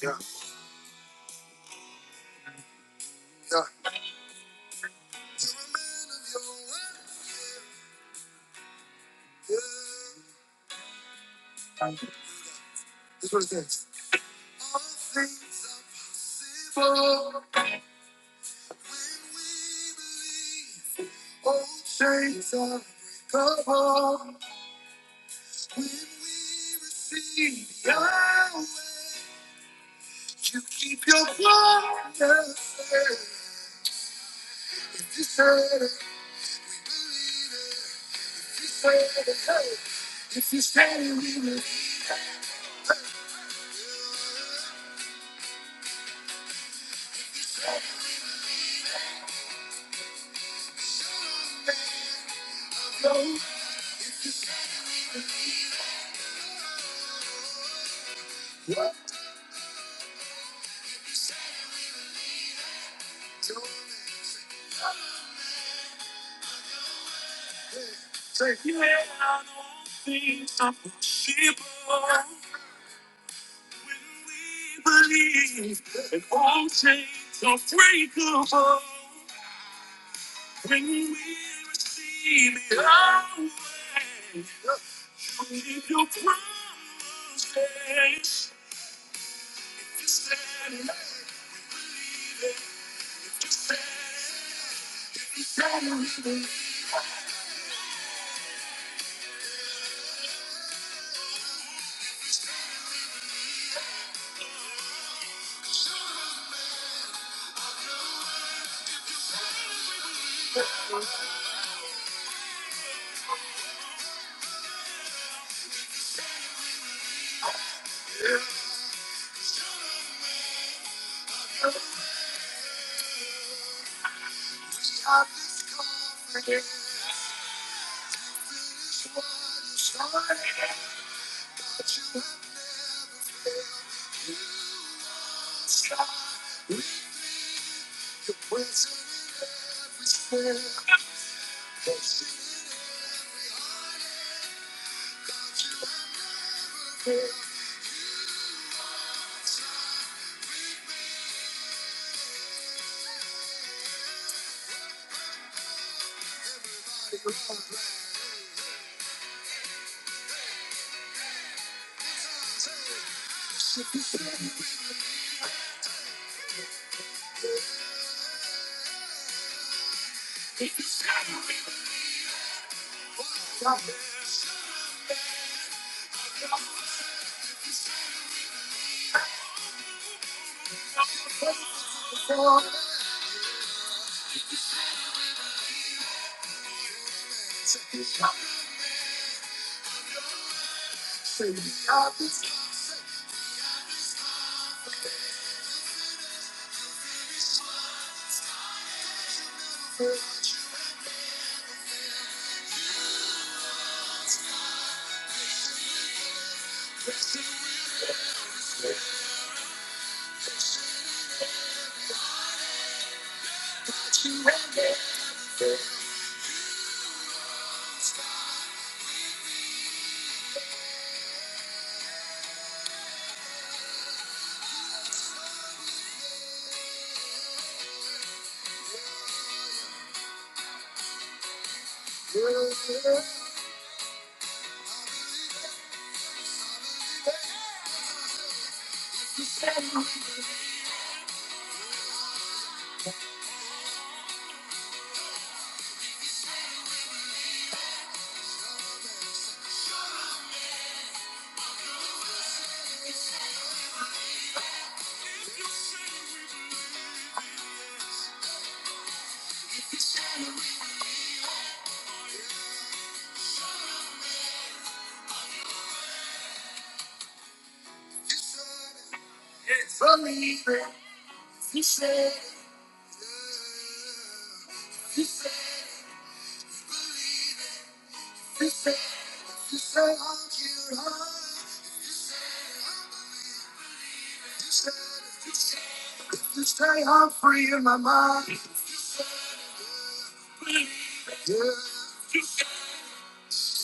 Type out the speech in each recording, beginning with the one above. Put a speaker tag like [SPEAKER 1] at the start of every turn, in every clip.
[SPEAKER 1] Yeah, yeah. yeah. This is what it says. Things evolve, old shades are recovered. When we receive Yahweh, you keep your promises. If you said it, if you said it, hey. If you said it, we will go. What? If you said it, we will. We're scared. You're not the one. Say we have this. Believe it. You said, you said, you said, you say I'm cute, huh? You say free in my mind. Yeah, you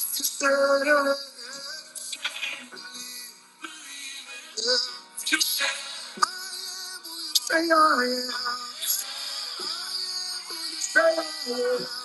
[SPEAKER 1] said, uh, say I am, say I am.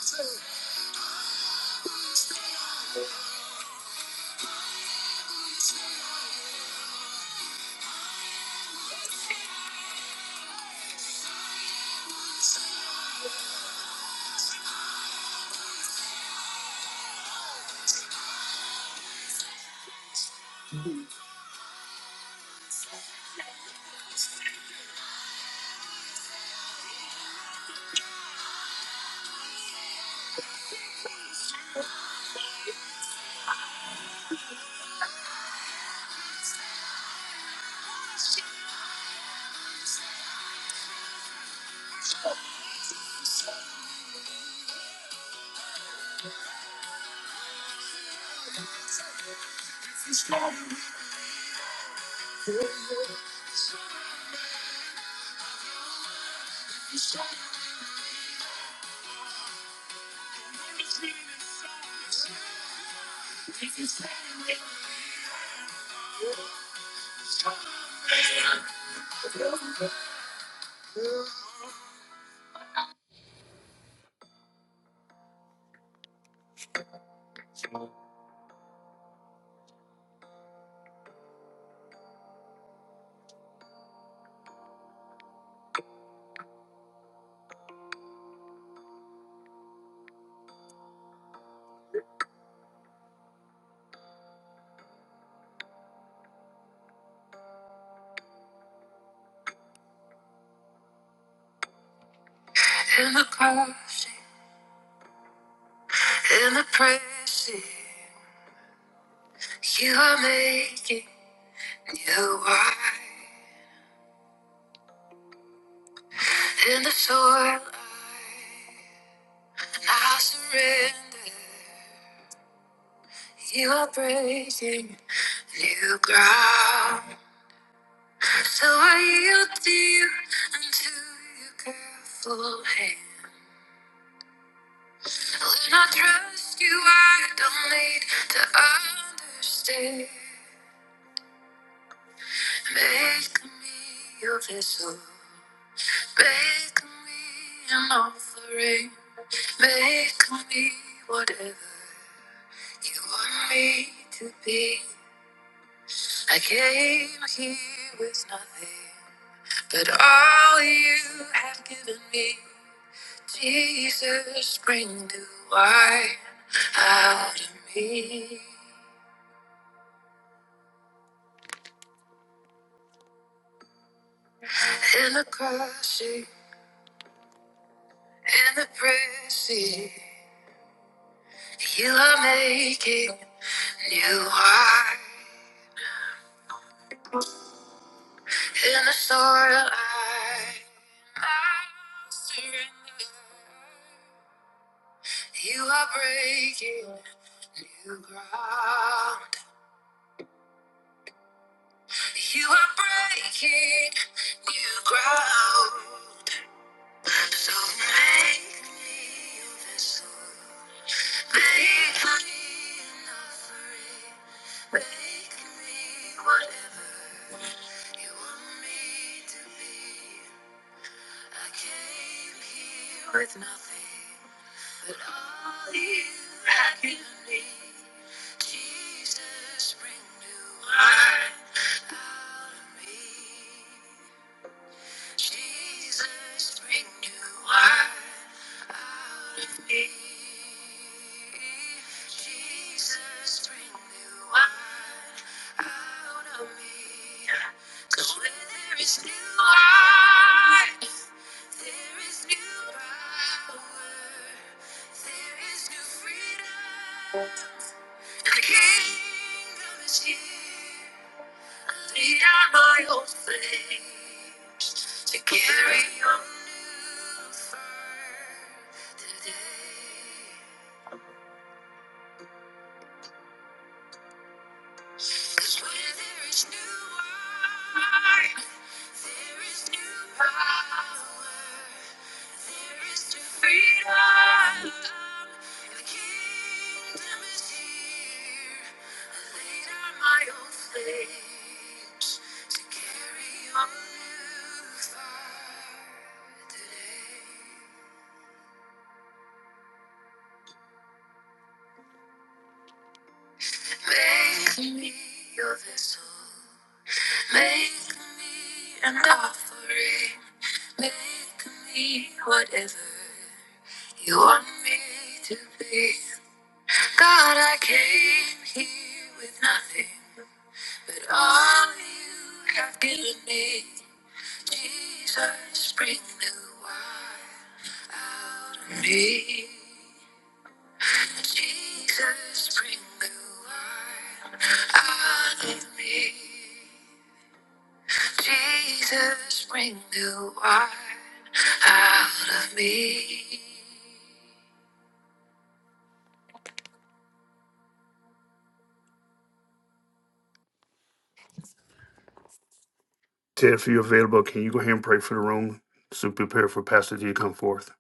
[SPEAKER 1] Ted, if you're available, can you go ahead and pray for the room? So prepare for Pastor D to come forth.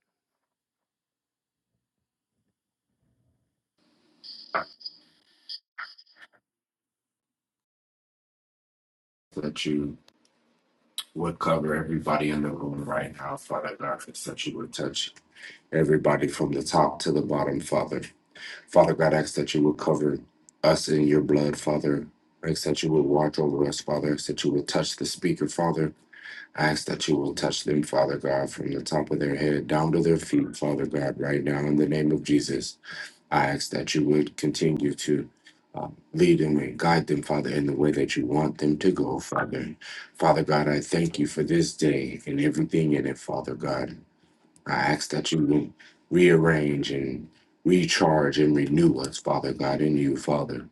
[SPEAKER 2] that you would cover everybody in the room right now, Father God. I ask that you would touch everybody from the top to the bottom, Father. Father God, I ask that you would cover us in your blood, Father. I ask that you would watch over us, Father. I ask that you would touch the speaker, Father. I ask that you will touch them, Father God, from the top of their head down to their feet, Father God, right now in the name of Jesus. I ask that you would continue to um, lead them and guide them, Father, in the way that you want them to go, Father. Father God, I thank you for this day and everything in it, Father God. I ask that you would rearrange and recharge and renew us, Father God, in you, Father.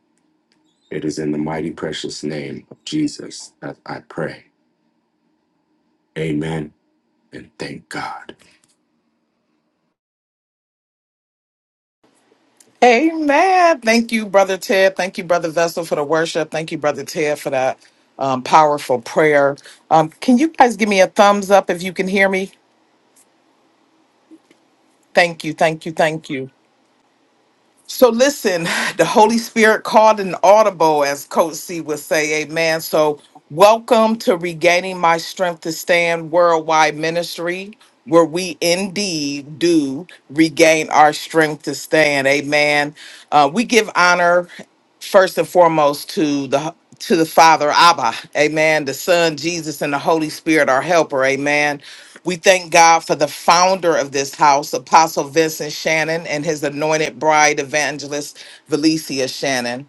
[SPEAKER 2] It is in the mighty precious name of Jesus that I pray. Amen. And thank God.
[SPEAKER 3] Amen. Thank you, Brother Ted. Thank you, Brother Vessel, for the worship. Thank you, Brother Ted, for that um, powerful prayer. Um, can you guys give me a thumbs up if you can hear me? Thank you, thank you, thank you. So, listen, the Holy Spirit called an audible, as Coach C would say, Amen. So, welcome to Regaining My Strength to Stand Worldwide Ministry, where we indeed do regain our strength to stand. Amen. Uh, we give honor. first and foremost to the to the Father Abba, Amen. The Son Jesus and the Holy Spirit, our Helper, Amen. We thank God for the founder of this house, Apostle Vincent Shannon, and his anointed bride, Evangelist Valicia Shannon.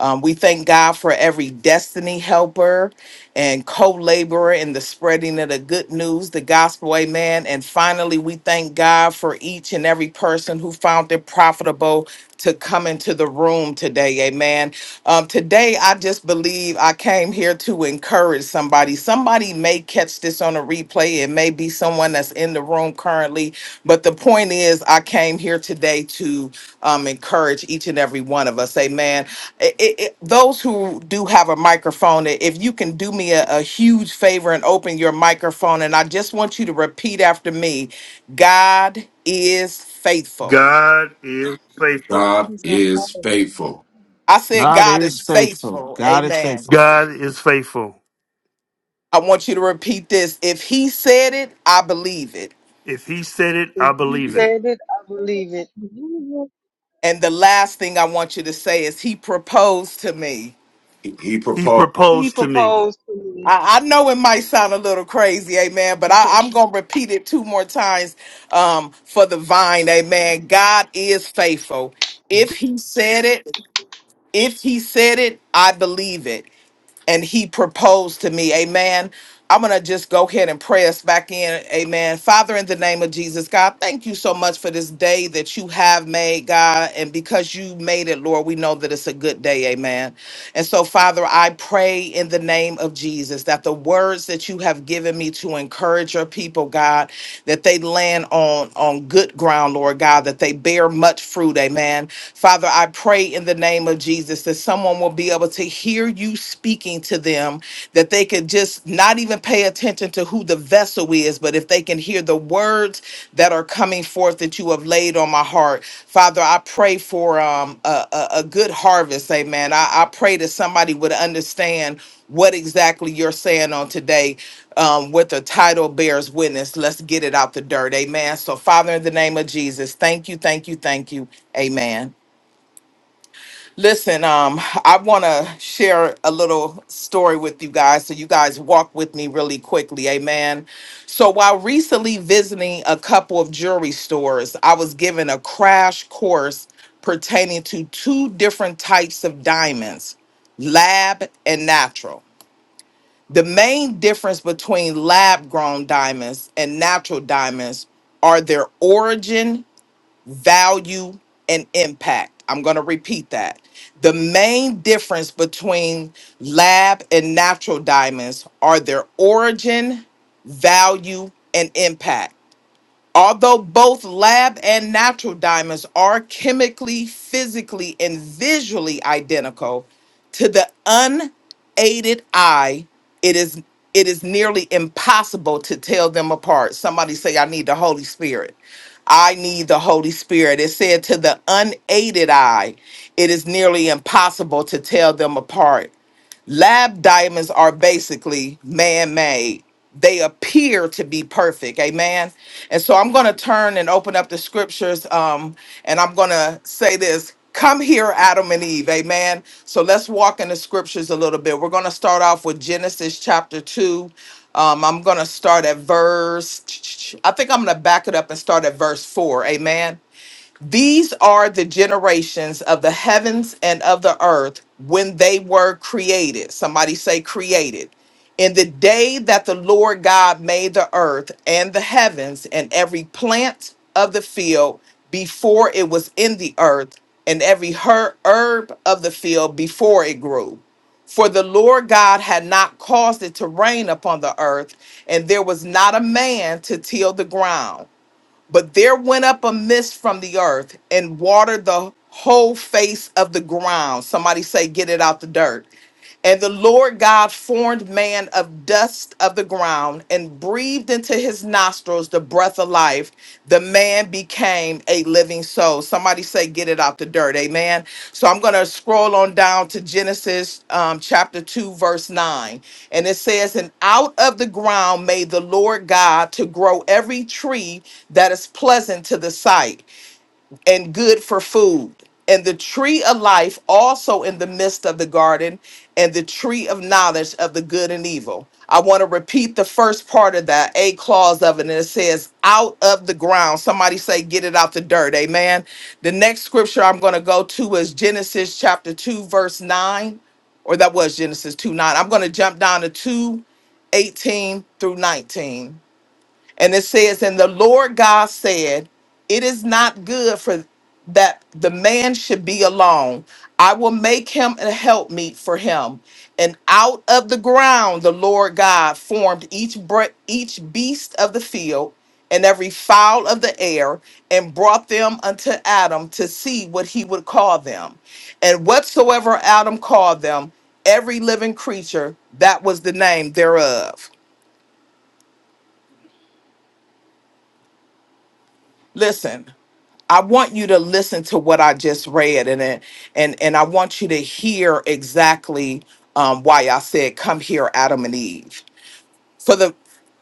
[SPEAKER 3] Um, we thank God for every destiny helper and co laborer in the spreading of the good news, the gospel, amen. And finally, we thank God for each and every person who found it profitable to come into the room today, amen. Um, today, I just believe I came here to encourage somebody. Somebody may catch this it's on a replay. It may be someone that's in the room currently, but the point is, I came here today to um, encourage each and every one of us. Amen. It, it, it- those who do have a microphone, if you can do me a, a huge favor and open your microphone, and I just want you to repeat after me God is faithful.
[SPEAKER 1] God is faithful.
[SPEAKER 4] for
[SPEAKER 2] God
[SPEAKER 4] this
[SPEAKER 5] God,
[SPEAKER 2] is
[SPEAKER 4] people.
[SPEAKER 2] faithful.
[SPEAKER 3] I said,
[SPEAKER 6] God
[SPEAKER 3] God is
[SPEAKER 6] is faithful.
[SPEAKER 3] faithful.
[SPEAKER 6] God is
[SPEAKER 3] Amen.
[SPEAKER 6] faithful.
[SPEAKER 1] God is faithful.
[SPEAKER 3] I want you to repeat this. If he said it, I believe it.
[SPEAKER 1] If he said it, I
[SPEAKER 5] if he
[SPEAKER 1] believe it.
[SPEAKER 2] He
[SPEAKER 5] said it, I
[SPEAKER 4] It is
[SPEAKER 5] believe it.
[SPEAKER 4] really
[SPEAKER 3] And the last thing I want you to say is he proposed to me.
[SPEAKER 2] he
[SPEAKER 1] He
[SPEAKER 2] proposed.
[SPEAKER 5] He
[SPEAKER 1] proposed to me.
[SPEAKER 5] proposed to me.
[SPEAKER 3] I, I know it might sound a little crazy, amen, but I, I'm going to repeat it two more times um, for the vine, amen. God is faithful. If he said it, if he said it, I believe it. and he proposed to me. Amen. I'm going to just go ahead and pray us back in. Amen. Father, in the name of Jesus, God, thank you so much for this day that you have made, God. And because you made it, Lord, we know that it's a good day. Amen. And so, Father, I pray in the name of Jesus that the words that you have given me to encourage your people, God, that they land on, on good ground, Lord God, that they bear much fruit. Amen. Father, I pray in the name of Jesus that someone will be able to hear you speaking to them, that they could just not even pay attention to who the vessel is, but if they can hear the words that are coming forth that you have laid on my heart. Father, I pray for um, a, a, a good harvest, amen. I, I pray that somebody would understand what exactly you're saying on today um, with the title bears witness. Let's get it out the dirt, amen. So, Father, in the name of Jesus, thank you, thank you, thank you, amen. Listen, um, I want to share a little story with you guys so you guys walk with me really quickly. Amen. So, while recently visiting a couple of jewelry stores, I was given a crash course pertaining to two different types of diamonds lab and natural. The main difference between lab grown diamonds and natural diamonds are their origin value, and impact. I'm going to repeat that. The main difference between lab and natural diamonds are their origin, value, and impact. Although both lab and natural diamonds are chemically, physically, and visually identical, to the unaided eye, it is it is nearly impossible to tell them apart. Somebody say, I need the Holy Spirit. I need the Holy Spirit. It said to the unaided eye, it is nearly impossible to tell them apart. Lab diamonds are basically man made. They appear to be perfect. Amen. And so I'm going to turn and open up the scriptures um, and I'm going to say this Come here, Adam and Eve. Amen. So let's walk in the scriptures a little bit. We're going to start off with Genesis chapter 2. Um, I'm going to start at verse, I think I'm going to back it up and start at verse 4. Amen. These are the generations of the heavens and of the earth when they were created. Somebody say, created. In the day that the Lord God made the earth and the heavens and every plant of the field before it was in the earth and every her- herb of the field before it grew. For the Lord God had not caused it to rain upon the earth, and there was not a man to till the ground but there went up a mist from the earth and watered the whole face of the ground. Somebody say, get it out the dirt. And the Lord God formed man of dust of the ground and breathed into his nostrils the breath of life. The man became a living soul. Somebody say, get it out the dirt. Amen. So I'm going to scroll on down to Genesis um, chapter 2, verse 9. And it says, And out of the ground made the Lord God to grow every tree that is pleasant to the sight and good for food. And the tree of life also in the midst of the garden, and the tree of knowledge of the good and evil. I want to repeat the first part of that, a clause of it, and it says, out of the ground. Somebody say, get it out the dirt. Amen. The next scripture I'm going to go to is Genesis chapter 2, verse 9, or that was Genesis 2 9. I'm going to jump down to 2 18 through 19. And it says, And the Lord God said, It is not good for that the man should be alone. I will make him a helpmeet for him. And out of the ground the Lord God formed each bre- each beast of the field and every fowl of the air and brought them unto Adam to see what he would call them. And whatsoever Adam called them, every living creature, that was the name thereof. Listen, I want you to listen to what I just read, and it- and and I want you to hear exactly um, why I said, "Come here, Adam and Eve." for the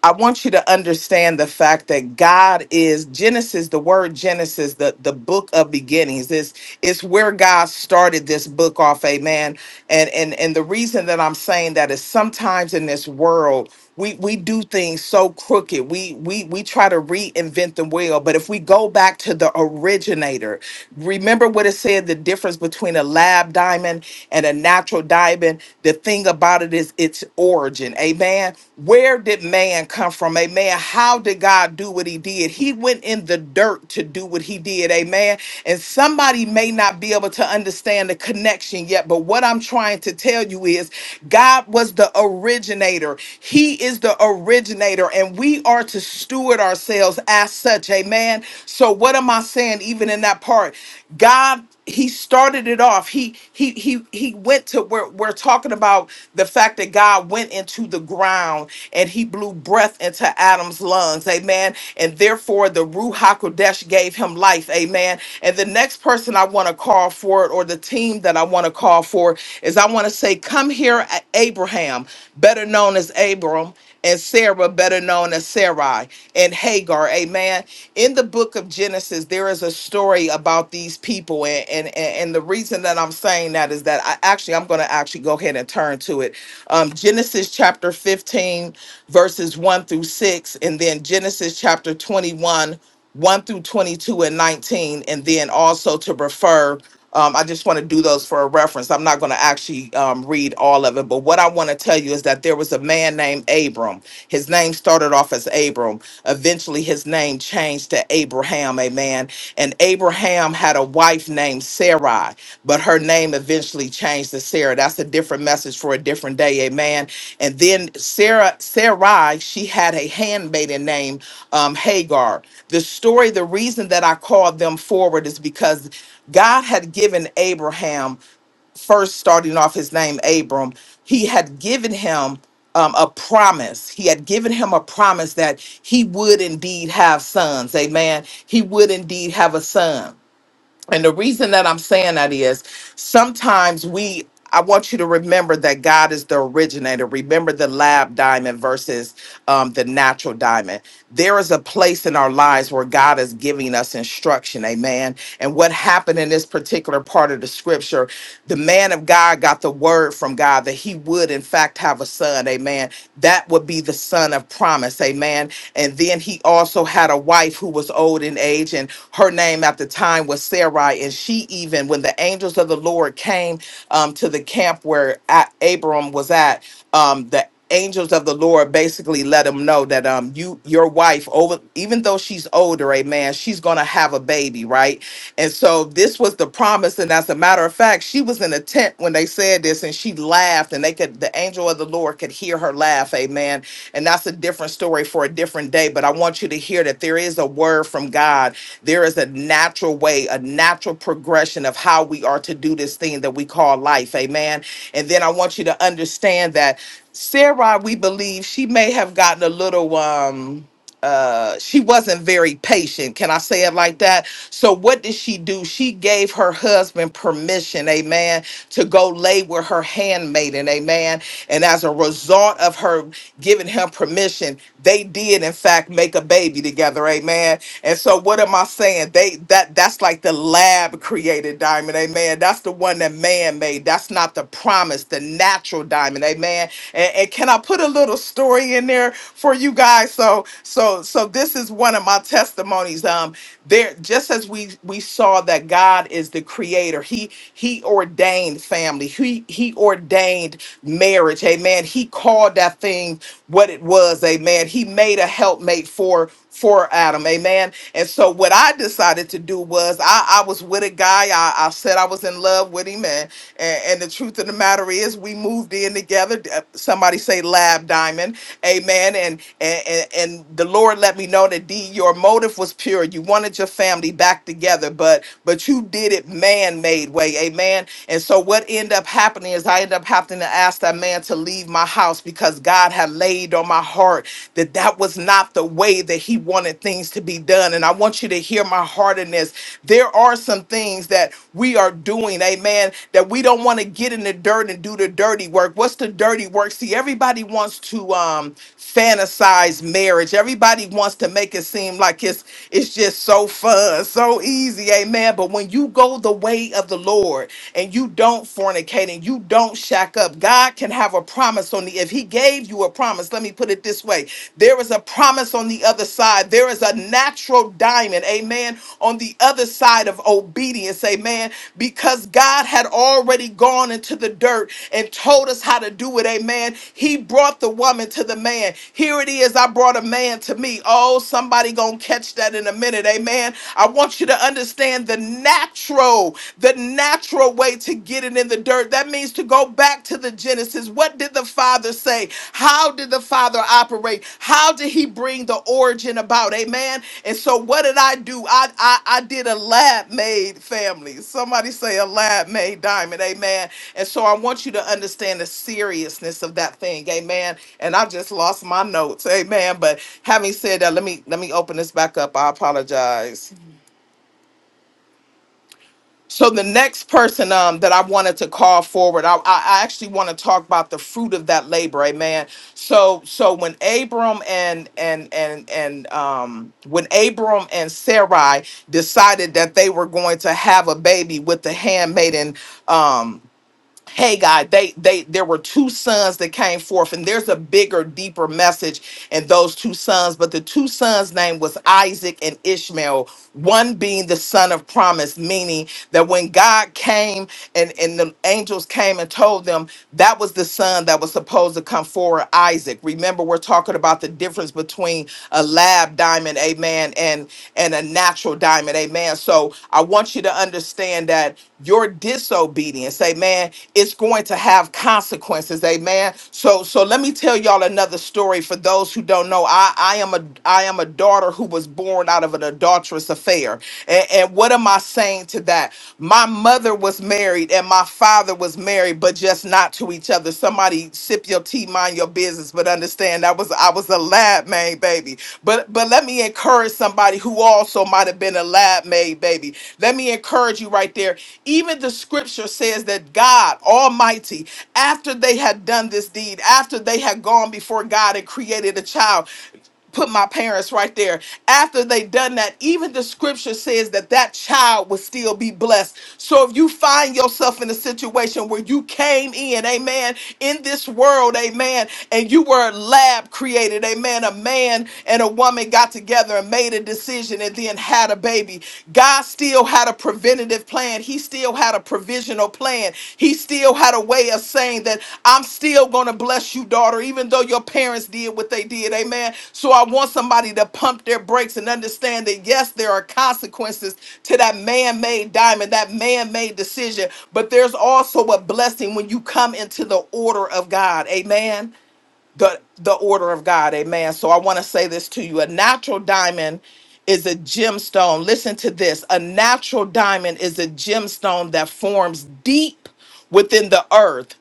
[SPEAKER 3] I want you to understand the fact that God is Genesis, the word Genesis, the, the book of beginnings. This is where God started this book off, amen. And and and the reason that I'm saying that is sometimes in this world we we do things so crooked. We we we try to reinvent the wheel, but if we go back to the originator, remember what it said the difference between a lab diamond and a natural diamond, the thing about it is its origin. Amen. Where did man come from? Amen. How did God do what he did? He went in the dirt to do what he did. Amen. And somebody may not be able to understand the connection yet, but what I'm trying to tell you is God was the originator. He is the originator, and we are to steward ourselves as such. Amen. So, what am I saying, even in that part? God he started it off. He he he he went to where we're talking about the fact that God went into the ground and he blew breath into Adam's lungs, amen. And therefore the Ruach Hakodesh gave him life, amen. And the next person I want to call for it, or the team that I want to call for, is I want to say, Come here, A- Abraham, better known as Abram and Sarah, better known as Sarai, and Hagar. Amen. In the book of Genesis, there is a story about these people, and and and and the reason that I'm saying that is that I actually I'm going to actually go ahead and turn to it. Um, Genesis chapter 15, verses one through six, and then Genesis chapter 21. 1 through 22 and 19, and then also to refer. Um, I just want to do those for a reference. I'm not going to actually um, read all of it, but what I want to tell you is that there was a man named Abram. His name started off as Abram. Eventually, his name changed to Abraham, amen. And Abraham had a wife named Sarai, but her name eventually changed to Sarah. That's a different message for a different day, amen. And then Sarah, Sarai, she had a handmaiden named um, Hagar. The story, the reason that I called them forward is because God had given Abraham first starting off his name Abram, he had given him um, a promise. He had given him a promise that he would indeed have sons. Amen. He would indeed have a son. And the reason that I'm saying that is sometimes we, I want you to remember that God is the originator. Remember the lab diamond versus um, the natural diamond. There is a place in our lives where God is giving us instruction. Amen. And what happened in this particular part of the scripture, the man of God got the word from God that he would, in fact, have a son. Amen. That would be the son of promise. Amen. And then he also had a wife who was old in age, and her name at the time was Sarai. And she even, when the angels of the Lord came um, to the camp where A- Abram was at, um, the angels of the Lord basically let him know that um you your wife over even though she's older amen she's going to have a baby right and so this was the promise and as a matter of fact, she was in a tent when they said this and she laughed and they could the angel of the Lord could hear her laugh. Amen. And that's a different story for a different day, but I want you to hear that there is a word from God. There is a natural way, a natural progression of how we are to do this thing that we call life. Amen. And then I want you to understand that Sarah, we believe she may have gotten a little um uh she wasn't very patient can i say it like that so what did she do she gave her husband permission amen to go lay with her handmaiden amen and as a result of her giving him permission they did in fact make a baby together amen and so what am i saying they that that's like the lab created diamond amen that's the one that man made that's not the promise the natural diamond amen Amen. And, and can I put a little story in there for you guys? So, so, so this is one of my testimonies. Um, there, just as we we saw that God is the creator, He He ordained family, He He ordained marriage. Amen. He called that thing what it was. Amen. He made a helpmate for for Adam. Amen. And so what I decided to do was I, I was with a guy. I, I said I was in love with him. And, and and the truth of the matter is we moved in together. Uh, Somebody say lab diamond. Amen. And and, and and the Lord let me know that D, your motive was pure. You wanted your family back together, but but you did it man-made way. Amen. And so what ended up happening is I ended up having to ask that man that man to leave my house because God had laid on my heart that that was not the way that he wanted things to be done. And I want you to hear my heart in this. There are some things that we are doing, amen, that we don't want to get in the dirt and do the dirty work. What's the dirty work? See, everybody wants to um fantasize marriage. Everybody wants to make it seem like it's it's just so fun, so easy, amen. But when you go the way of the Lord, and you don't don't fornicate and you don't shack up. God can have a promise on the if he gave you a promise, let me put it this way. There is a promise on the other side. There is a natural diamond, amen, on the other side of obedience, amen, because God had already gone into the dirt and told us how to do it, amen. He brought the woman to the man. Here it is, I brought a man to me. Oh, somebody going to catch that in a minute, amen. I want you to understand the natural natural, the natural way to get it in the dirt. That means to go back to the Genesis. What did the Father say? How did the Father operate? How did He bring the origin about? Amen. And so, what did I do? I I, I did a lab made family. Somebody say a lab made diamond. Amen. And so, I want you to understand the seriousness of that thing. Amen. And I just lost my notes. Amen. But having said that, let me let me open this back up. I apologize. So the next person um, that I wanted to call forward, I, I I actually want to talk about the fruit of that labor, amen. So so when Abram and and and and um, when Abram and Sarai decided that they were going to have a baby with the handmaiden um, hey god they they there were two sons that came forth and there's a bigger deeper message in those two sons but the two sons name was isaac and ishmael one being the son of promise meaning that when god came and and the angels came and told them that was the son that was supposed to come forward isaac remember we're talking about the difference between a lab diamond amen and and a natural diamond amen so i want you to understand that your disobedience amen it's going to have consequences amen so so let me tell y'all another story for those who don't know i i am a i am a daughter who was born out of an adulterous affair and, and what am i saying to that my mother was married and my father was married but just not to each other Somebody somebody sip your tea, mind your business, but understand I was I was a lab made baby. But but let me encourage somebody who also might have been a lab made baby. Let me encourage you right there. Even the scripture says that God Almighty, after they had done this deed, after they had gone before God and created a child put my parents right there after they done that even the scripture says that that child would still be blessed so if you find yourself in a situation where you came in amen in this world amen and you were lab created amen a man and a woman got together and made a decision and then had a baby god still had a preventative plan plan. He still had a provisional plan. He still had a way of saying that I'm still going to bless you, daughter, even though your parents did what they did. Amen. So I want somebody to pump their brakes and understand that, yes, there are consequences to that man made diamond, that man made decision, but there's also a blessing when you come into the order of God. Amen the the order of God. Amen. So I want to say this to you. A natural diamond is a gemstone. Listen to this. A natural diamond is a gemstone that forms deep within the earth,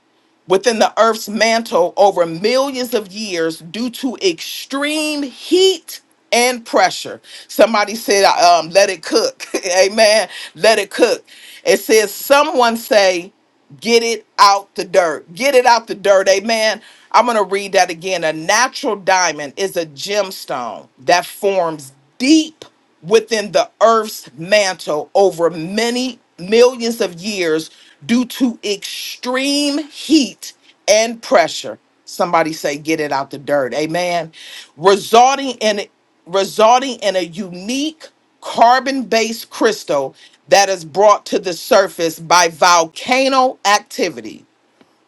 [SPEAKER 3] within the earth's mantle over millions of years due to extreme heat and pressure. Somebody said um let it cook. Amen. Let it cook. It says someone say Get it out the dirt. Get it out the dirt. Amen. I'm going to read that again. A natural diamond is a gemstone that forms deep within the earth's mantle over many millions of years due to extreme heat and pressure. Somebody say, get it out the dirt. Amen. Resulting in resulting in a unique carbon based crystal that is brought to the surface by volcano activity,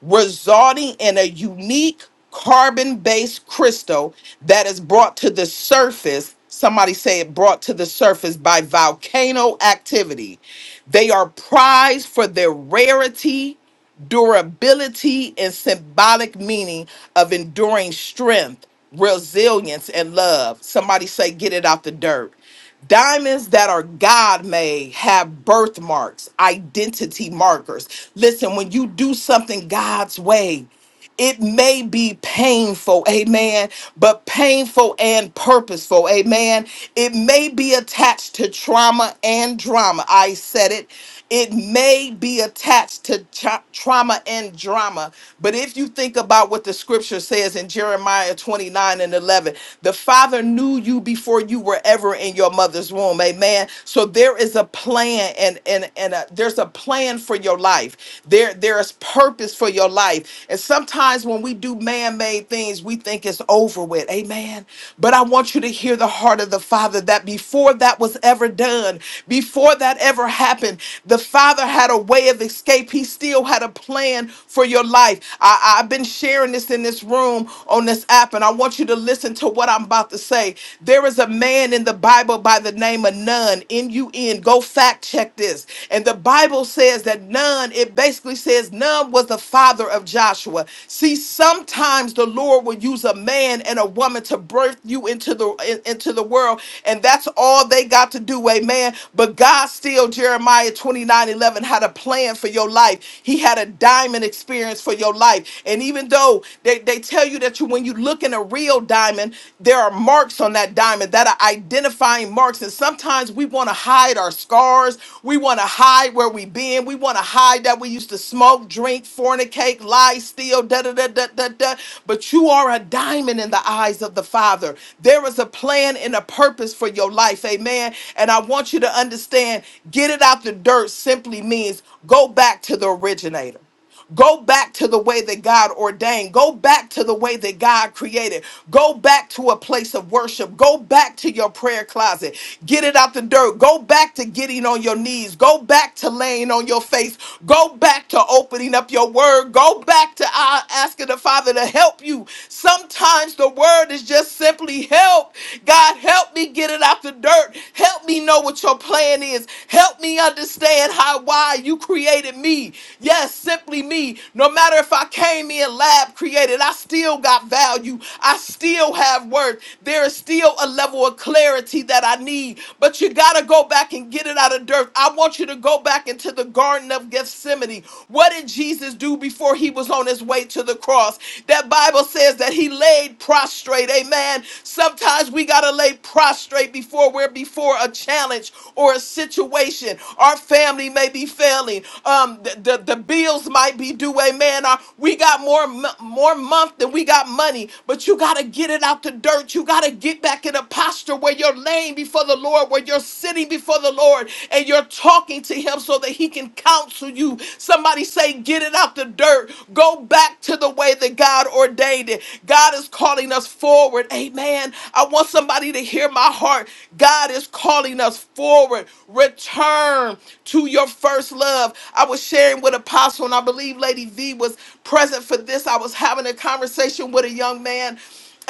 [SPEAKER 3] resulting in a unique carbon based crystal that is brought to the surface. Somebody say it brought to the surface by volcano activity. They are prized for their rarity durability and symbolic meaning of enduring strength, resilience, and love. Somebody say, get it out the dirt. Diamonds that are God made have birthmarks, identity markers. Listen, when you do something God's way, it may be painful, amen, but painful and purposeful, amen. It may be attached to trauma and drama. I said it. It may be attached to tra- trauma and drama. But if you think about what the scripture says in Jeremiah 29 and 11, the Father knew you before you were ever in your mother's womb, amen. So there is a plan and and and a, there's a a plan for your life. There, there is purpose for your life. And sometimes when we do man-made things, we think it's over with. Amen. But I want you to hear the heart of the Father that before that was ever done, before that ever happened, the Father had a way of escape. He still had a plan for your life. I, I've been sharing this in this room on this app, and I want you to listen to what I'm about to say. There is a man in the Bible. Bible by the name of Nun, N U N. Go fact check this. And the Bible says that Nun, it basically says Nun was the father of Joshua. See, sometimes the Lord will use a man and a woman to birth you into the in- into the world, and that's all they got to do, amen. But God still, Jeremiah 29 11 had a plan for your life. He had a diamond experience for your life. And even though they, they tell you that you when you look look in a real diamond, there are marks on that diamond that are identifying marks. And sometimes we want to hide our scars. We want to hide where we've been. We want to hide that we used to smoke, drink, fornicate, lie, steal, da da da da da da. But you are a diamond in the eyes of the Father. There is a plan and a purpose for your life. Amen. And I want you to understand get it out the dirt simply means go back to the originator. Go back to the way that God ordained. Go back to the way that God created. Go back to a place of worship. Go back to your prayer closet. Get it out the dirt. Go back to getting on your knees. Go back to laying on your face. Go back to opening up your word. Go back to uh, asking the Father to help you. Sometimes the word is just simply help. God, help me get it out the dirt. Help me know what your plan is. Help me understand how why you created me. Yes, simply simply me. No matter if I came in lab created, I still got value. I still have worth. There is still a level of clarity that I need. But you got to go back and get it out of dirt. I want you to go back into the Garden of Gethsemane. What did Jesus do before he was on his way to the cross? That Bible says that he laid prostrate. Amen. Sometimes we got to lay prostrate before we're before a challenge or a situation. Our family may be failing. Um, the, the, the bills bills might be due. Amen. Or we got more mo- more month than we got money, but you gotta get it out the dirt. You gotta get back in a posture where you're laying before the Lord, where you're sitting before the Lord, and you're talking to Him so that He can counsel you. Somebody say, get it out the dirt. Go back to the way that God ordained it. God is calling us forward. Amen. I want somebody to hear my heart. God is calling us forward. Return to your first love. I was sharing with Apostle apostle, and I believe Lady V was present for this. I was having a conversation with a young man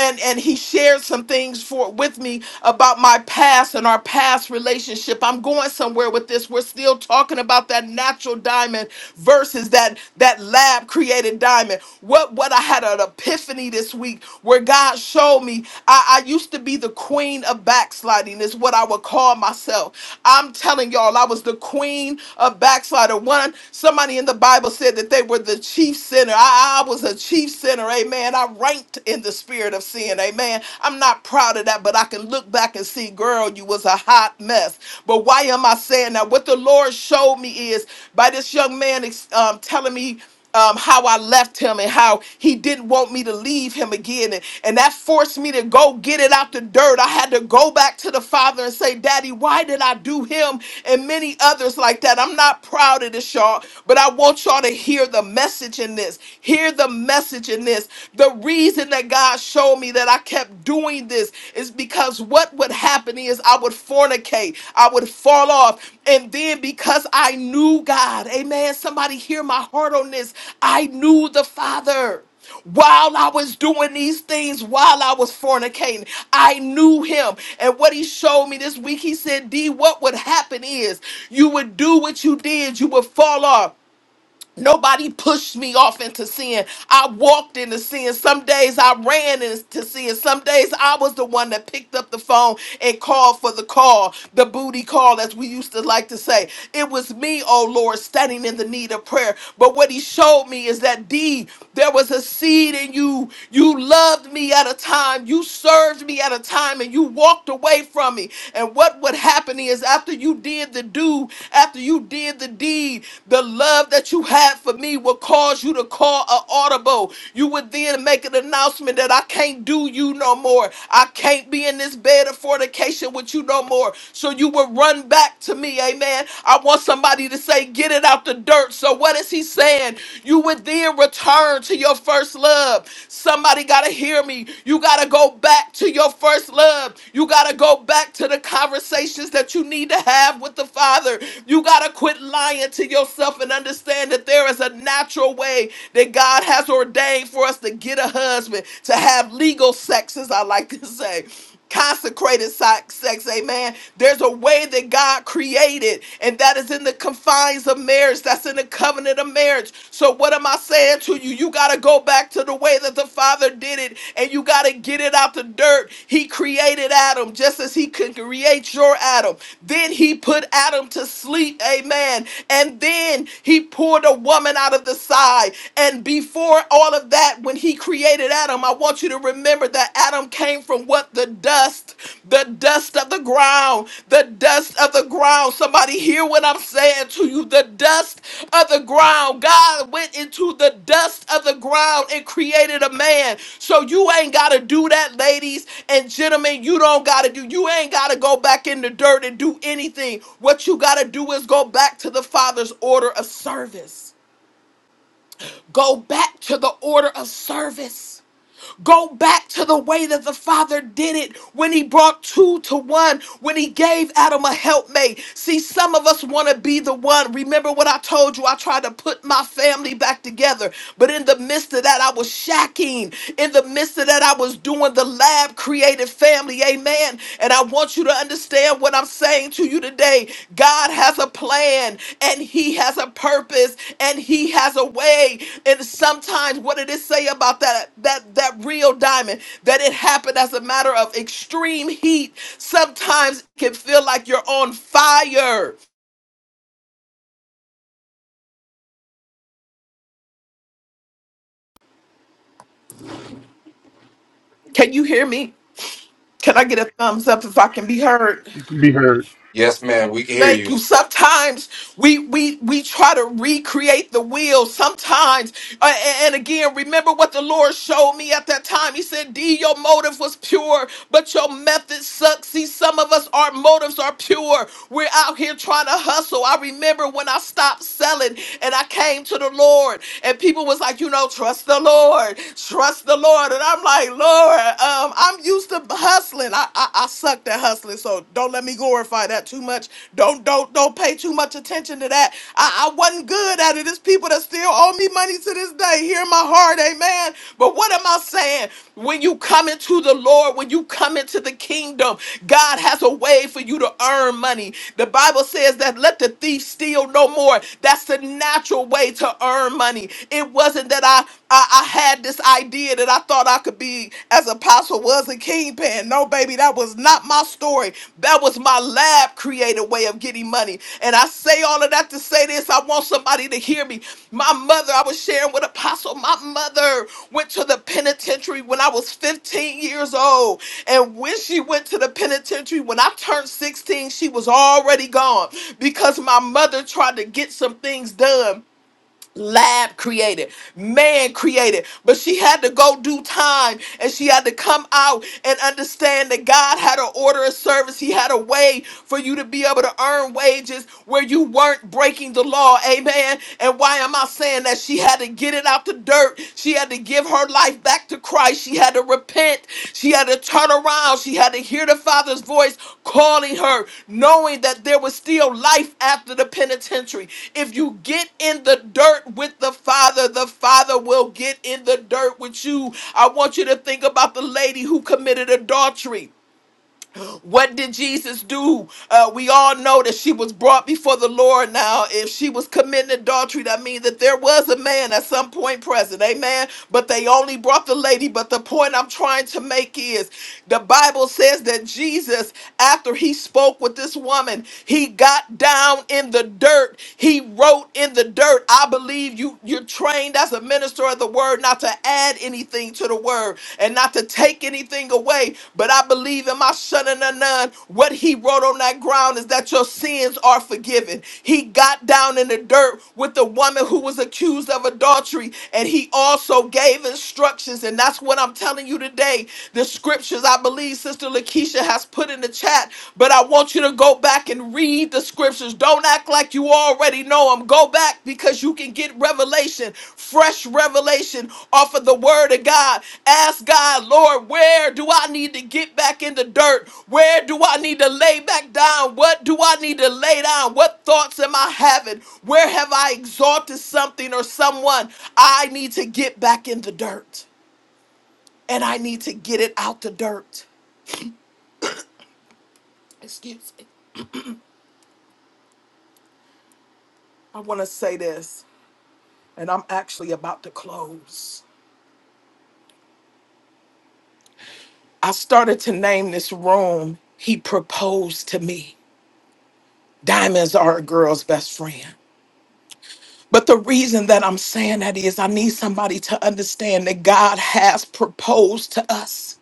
[SPEAKER 3] and and he shared some things for with me about my past and our past relationship. I'm going somewhere with this. We're still talking about that natural diamond versus that that lab created diamond. What what I had an epiphany this week where God showed me I, I used to be the queen of backsliding is what I would call myself. I'm telling y'all I was the queen of backslider. One somebody in the the Bible said that they were the chief sinner. I, I was a chief sinner. Amen. I ranked in the spirit of sin. Amen. I'm not proud of that, but I can look back and see, girl, you was a hot mess. But why am I saying that? What the Lord showed me is by this young man ex- um, telling me um, how I left him and how he didn't want me to leave him again. And, and that forced me to go get it out the dirt. I had to go back to the father and say, Daddy, why did I do him and many others like that? I'm not proud of this, y'all, but I want y'all to hear the message in this. Hear the message in this. The reason that God showed me that I kept doing this is because what would happen is I would fornicate, I would fall off, and then because I knew God, amen, somebody hear my heart on this. I knew the Father. While I was doing these things, while I was fornicating, I knew him. And what he showed me this week, he said, D, what would happen is you would do what you did, you would fall off. Nobody pushed me off into sin. I walked into sin. Some days I ran into sin. Some days I was the one that picked up the phone and called for the call, the booty call, as we used to like to say. It was me, oh Lord, standing in the need of prayer. But what he showed me is that D, there was a seed in you. You loved me at a time. You served me at a time and you walked away from me. And what would happen is after you did the do, after you did the deed, the love that you had had for me will cause you to call an audible. You would then make an announcement that I can't do you no more. I can't be in this bed of fornication with you no more. So you would run back to me. Amen. I want somebody to say, get it out the dirt. So what is he saying? You would then return to your first love. Somebody got to hear me. You got to go back to your first love. You got to go back to the conversations that you need to have with the Father. You got to quit lying to yourself and understand that there is a natural way that God has ordained for us to get a husband, to have legal sex, as I like to say. Consecrated se- sex, amen. There's a way that God created, and that is in the confines of marriage. That's in the covenant of marriage. So, what am I saying to you? You got to go back to the way that the Father did it, and you got to get it out the dirt. He created Adam just as He could create your Adam. Then He put Adam to sleep, amen. And then He poured a woman out of the side. And before all of that, when he created Adam, I want you to remember that Adam came from what? The dust, the dust of the ground, the dust of the ground. Somebody hear what I'm saying to you. The dust of the ground. God went into the dust of the ground and created a man. So you ain't got to do that, ladies and gentlemen. You don't got to do, you ain't got to go back in the dirt and do anything. What you got to do is go back to the Father's order of service. Go back to the order of service. Go back to the way that the Father did it when He brought two to one, when He gave Adam a helpmate. See, some of us want to be the one. Remember what I told you? I tried to put my family back together, but in the midst of that, I was shacking. In the midst of that, I was doing the lab created family. Amen. And I want you to understand what I'm saying to you today. God has a plan and he has a purpose and he has a way. And sometimes what did it say about that that that real diamond? That it happened as a matter of extreme heat. Sometimes it can feel like you're on fire. Can you hear me? Can I get a thumbs up if I can be heard?
[SPEAKER 2] Yes, ma'am, we can hear
[SPEAKER 3] Thank
[SPEAKER 2] you.
[SPEAKER 3] you. Sometimes we we we try to recreate the wheel. Sometimes, uh, and and again, remember what the Lord showed me at that time. He said, "D, your motive was pure, but your method sucks." See, some of us, our motives are pure. We're out here trying to hustle. I remember when I stopped selling and I came to the Lord, and people was like, "You know, trust the Lord, trust the Lord," and I'm like, "Lord, um, I'm used to hustling." hustling. I, I I sucked at hustling, so don't let me glorify that too much. Don't don't don't pay too much attention to that. I, I wasn't good at it. It's people that still owe me money to this day. Hear my heart, amen. But what am I saying? When you come into the Lord, when you come into the kingdom, God has a way for you to earn money. The Bible says that let the thief steal no more. That's the natural way to earn money. It wasn't that I I, I had this idea that I thought I could be as apostle was a kingpin. No, baby, that was not my story. That was my lab created way of getting money. And I say all of that to say this. I want somebody to hear me. My mother, I was sharing with apostle. My mother went to the penitentiary when I was 15 years old. And when she went to the penitentiary, when I turned 16, she was already gone because my mother tried to get some things done lab created, man created, but she had to go do time and she had to come out and understand that God had an order of service. He had a way for you to be able to earn wages where you weren't breaking the law. Amen. And why am I saying that? She had to get it out the dirt. She had to give her life back to Christ. She had to repent. She had to turn around. She had to hear the Father's voice calling her, knowing that there was still life after the penitentiary. If you get in the dirt with the Father, the Father will get in the dirt with you. I want you to think about the lady who committed adultery. What did Jesus do? Uh, we all know that she was brought before the Lord. Now, if she was committing adultery, that means that there was a man at some point present. Amen. But they only brought the lady. But the point I'm trying to make is the Bible says that Jesus, after he spoke with this woman, he got down in the dirt. He wrote in the dirt. I believe you, you're trained as a minister minister of the word, not to add anything to the word and not to take anything away. But I believe in my son and a nun. What he wrote on that ground is that your sins are forgiven. He got down in the dirt with the woman who was accused of adultery, and he also gave instructions. And that's what I'm telling you today. The scriptures I believe Sister Lakeisha has put in the chat, but I want you to go Go back and read the scriptures. Don't act like you already know them. Go back because you can get revelation, fresh revelation off of the word of God. Ask God, Lord, where do I need to get back in the dirt? Where do I need to lay back down? What do I need to lay down? What thoughts am I having? Where have I exalted something or someone? I need to get back in the dirt and I need to get it out the dirt. Excuse me. I want to say this. and I'm actually about to close. I started to name this room, He Proposed to Me. Diamonds are a girl's best friend. But the reason that I'm saying that is I need somebody to understand that God has proposed to us.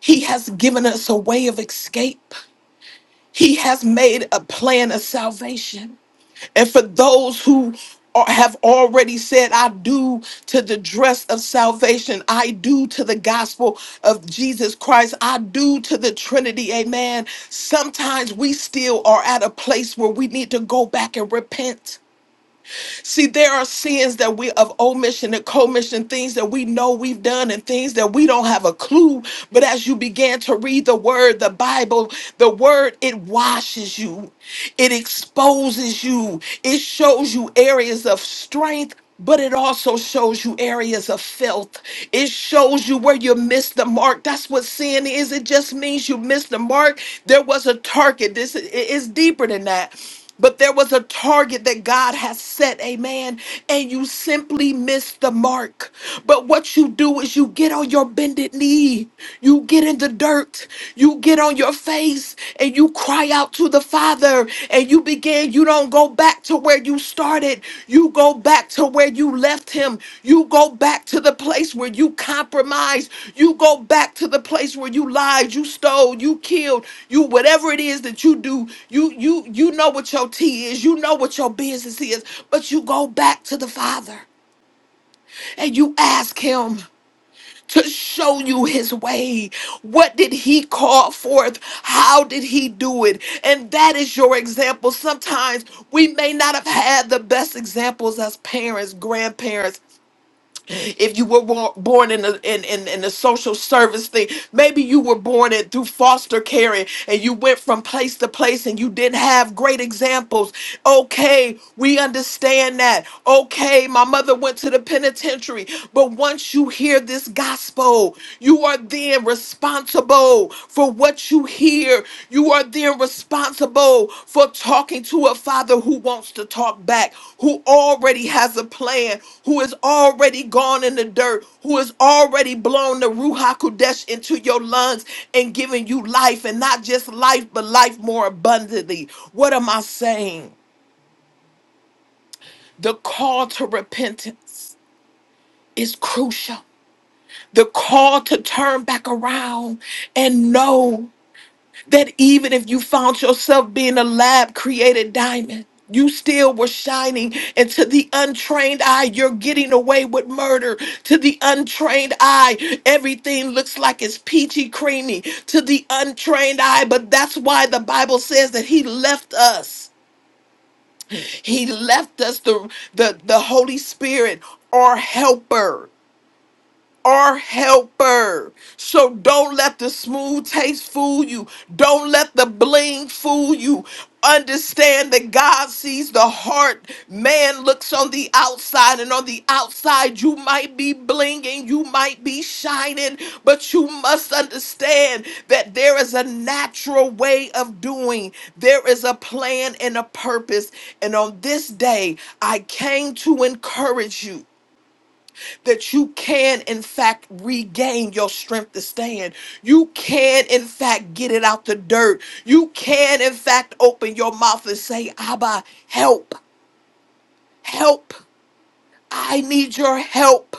[SPEAKER 3] He has given us a way of escape. He has made a plan of salvation. And for those who are- have already said, I do to the dress of salvation, I do to the gospel of Jesus Christ, I do to the Trinity, amen. Sometimes we still are at a place where we need to go back and repent. See, there are sins that we of omission and commission, things that we know we've done and things that we don't have a clue. But as you began to read the word, the Bible, the word, it washes you, it exposes you, it shows you areas of strength but it also shows you areas of filth. It shows you where you missed the mark. That's what sin is. It just means you missed the mark. There was a target. This it- it's deeper than that. But there was a target that God has set, amen, and you simply missed the mark. But what you do is you get on your bended knee, you get in the dirt, you get on your face and you cry out to the Father and you begin, you don't go back to where you started. You go back to where you left Him. You go back to the place where you compromised. You go back to the place where you lied, you stole, you killed, you whatever it is that you do. You you you know what your tea is. You know what your business is, but you go back to the Father and you ask Him to show you his way. What did he call forth? How did he do it? And that is your example. Sometimes we may not have had the best examples as parents, grandparents. If you were wor- born in the in, in, in the social service thing, maybe you were born in through foster care and, and you went from place to place and you didn't have great examples. Okay, we understand that. Okay, my mother went to the penitentiary, but once you hear this gospel, you are then responsible for what you hear. You are then responsible for talking to a father who wants to talk back, who already has a plan, who has already gone in the dirt, who has already blown the Ruach Kodesh into your lungs and given you life, and not just life, but life more abundantly. What am I saying? The call to repentance is crucial. The call to turn back around and know. that even if you found yourself being a lab created diamond, you still were shining. And to the untrained eye, you're getting away with murder. To the untrained eye, everything looks like it's peachy creamy. To the untrained eye, but that's why the Bible says that He left us. He left us the, the, the Holy Spirit, our helper our helper. So don't let the smooth taste fool you. Don't let the bling fool you. Understand that God sees the heart. Man looks on the outside, and on the outside, you might be blinging, you might be shining, but you must understand that there is a natural way of doing. There is a plan and a purpose. And on this day, I came to encourage you that you can, in fact, regain your strength to stand. You can, in fact, get it out the dirt. You can, in fact, open your mouth and say, Abba, help, help. I need your help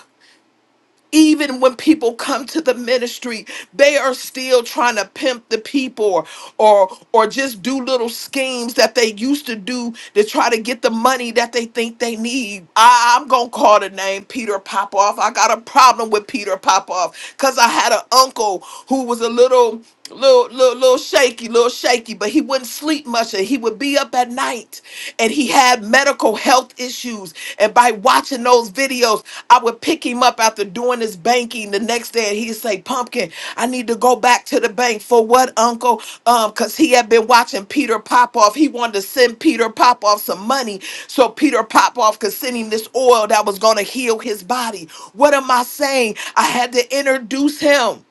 [SPEAKER 3] even when people come to the ministry they are still trying to pimp the people or or or just do little schemes that they used to do to try to get the money that they think they need I, i'm gonna call the name peter popoff i got a problem with peter popoff because i had an uncle who was a little little little little shaky little shaky but he wouldn't sleep much and he would be up at night night and he had medical health issues. And by watching those videos, I would pick him up after doing his banking the next day and he'd say, Pumpkin, I need to go back to the bank. For what, Uncle? Um, because he had been watching Peter Popoff. He wanted to send Peter Popoff some money so Peter Popoff could send him this oil that was going to heal his body. What am I saying? I had to introduce him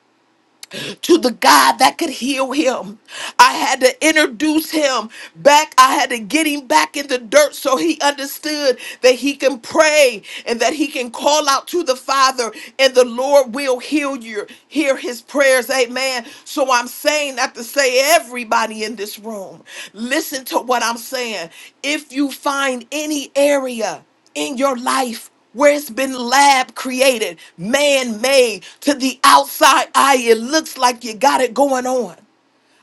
[SPEAKER 3] to the God that could heal him. I had to introduce him back. I had to get him back in the dirt so he understood that he can pray and that he can call out to the Father and the Lord will heal you. Hear his prayers. Amen. So I'm saying that to say everybody in this room, listen to what I'm saying. If you find any area in your life where it's been lab created, man made. To the outside eye, it looks like you got it going on.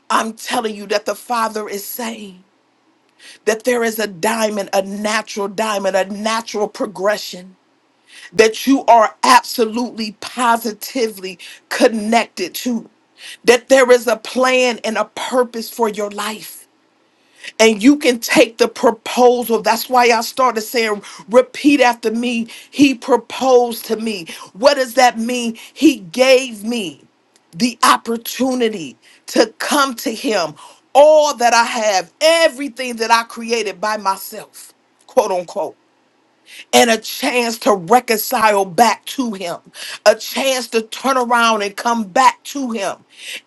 [SPEAKER 3] I'm telling you that the Father is saying that there is a diamond, a natural diamond, a natural progression that you are absolutely positively connected to, that there is a plan and a purpose for your life and you can take the proposal. That's why I started saying, repeat after me. He proposed to me. What does that mean? He gave me the opportunity to come to him. All that I have, everything that I created by myself, quote unquote and a chance to reconcile back to him, a chance to turn around and come back to him.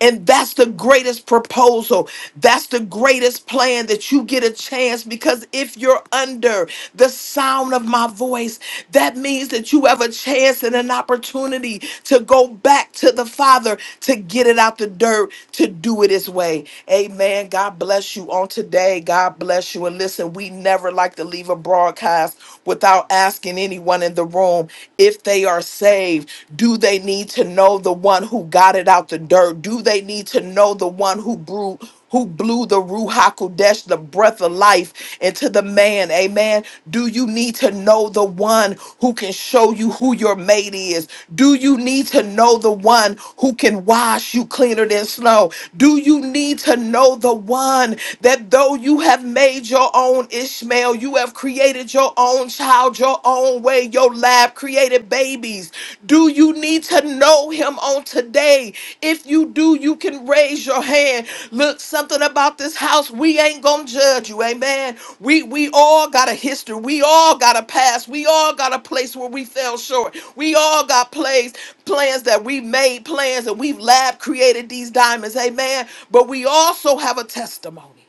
[SPEAKER 3] And that's the greatest proposal. That's the greatest plan that you get a chance because if you're under the sound of my voice, that means that you have a chance and an opportunity to go back to the Father to get it out the dirt, to do it his way. Amen. God bless you on today. God bless you. And listen, we never like to leave receive a broadcast without asking anyone in the room if they are saved? Do they need to know the one who got it out the dirt? Do they need to know the one who brew? Who blew the Ruach HaKodesh, the breath of life, into the man? Amen. Do you need to know the one who can show you who your mate is? Do you need to know the one who can wash you cleaner than snow? Do you need to know the one that though you have made your your own Ishmael. You have created your own child, your own way. Your lab created babies. Do you need to know him on today? If you do, you can raise your hand. Look, something about this house, we ain't gonna judge you, amen. We we all got a history, we all got a past, we all got a place where we fell short, we all got plays, plans that we made, plans that we've lab created these diamonds, amen. But we also have a testimony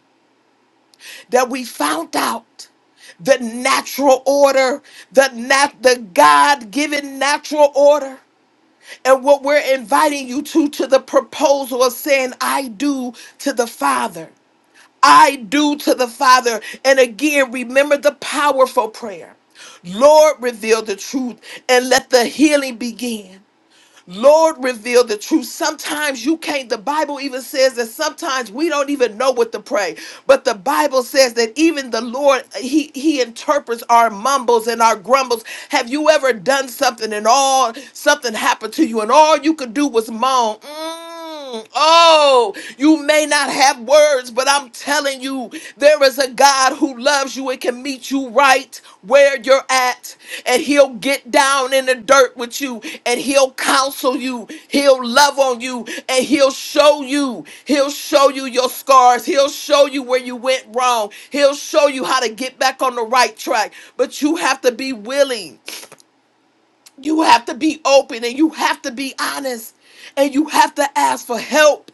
[SPEAKER 3] that we found out the natural order, the nat- the God-given natural order. And what we're inviting you to to the proposal of saying I do to the Father. I do to the Father. And again, remember the powerful prayer. Lord, reveal the truth and let the healing begin. Lord, reveal the truth. Sometimes you can't, the Bible even says that sometimes we don't even know what to pray. But the Bible says that even the Lord, He He interprets our mumbles and our grumbles. Have you ever done something and all something happened to you and all you could do was moan? Mm, Mm, Oh, you may not have words, but I'm telling you, there is a God who loves you and can meet you right where you're at. And he'll get down in the dirt with you and he'll counsel you. He'll love on you and he'll show you. He'll show you your scars. He'll show you where you went wrong. He'll show you how to get back on the right track. But you have to be willing. You have to be open and you have to be honest and you have to ask for help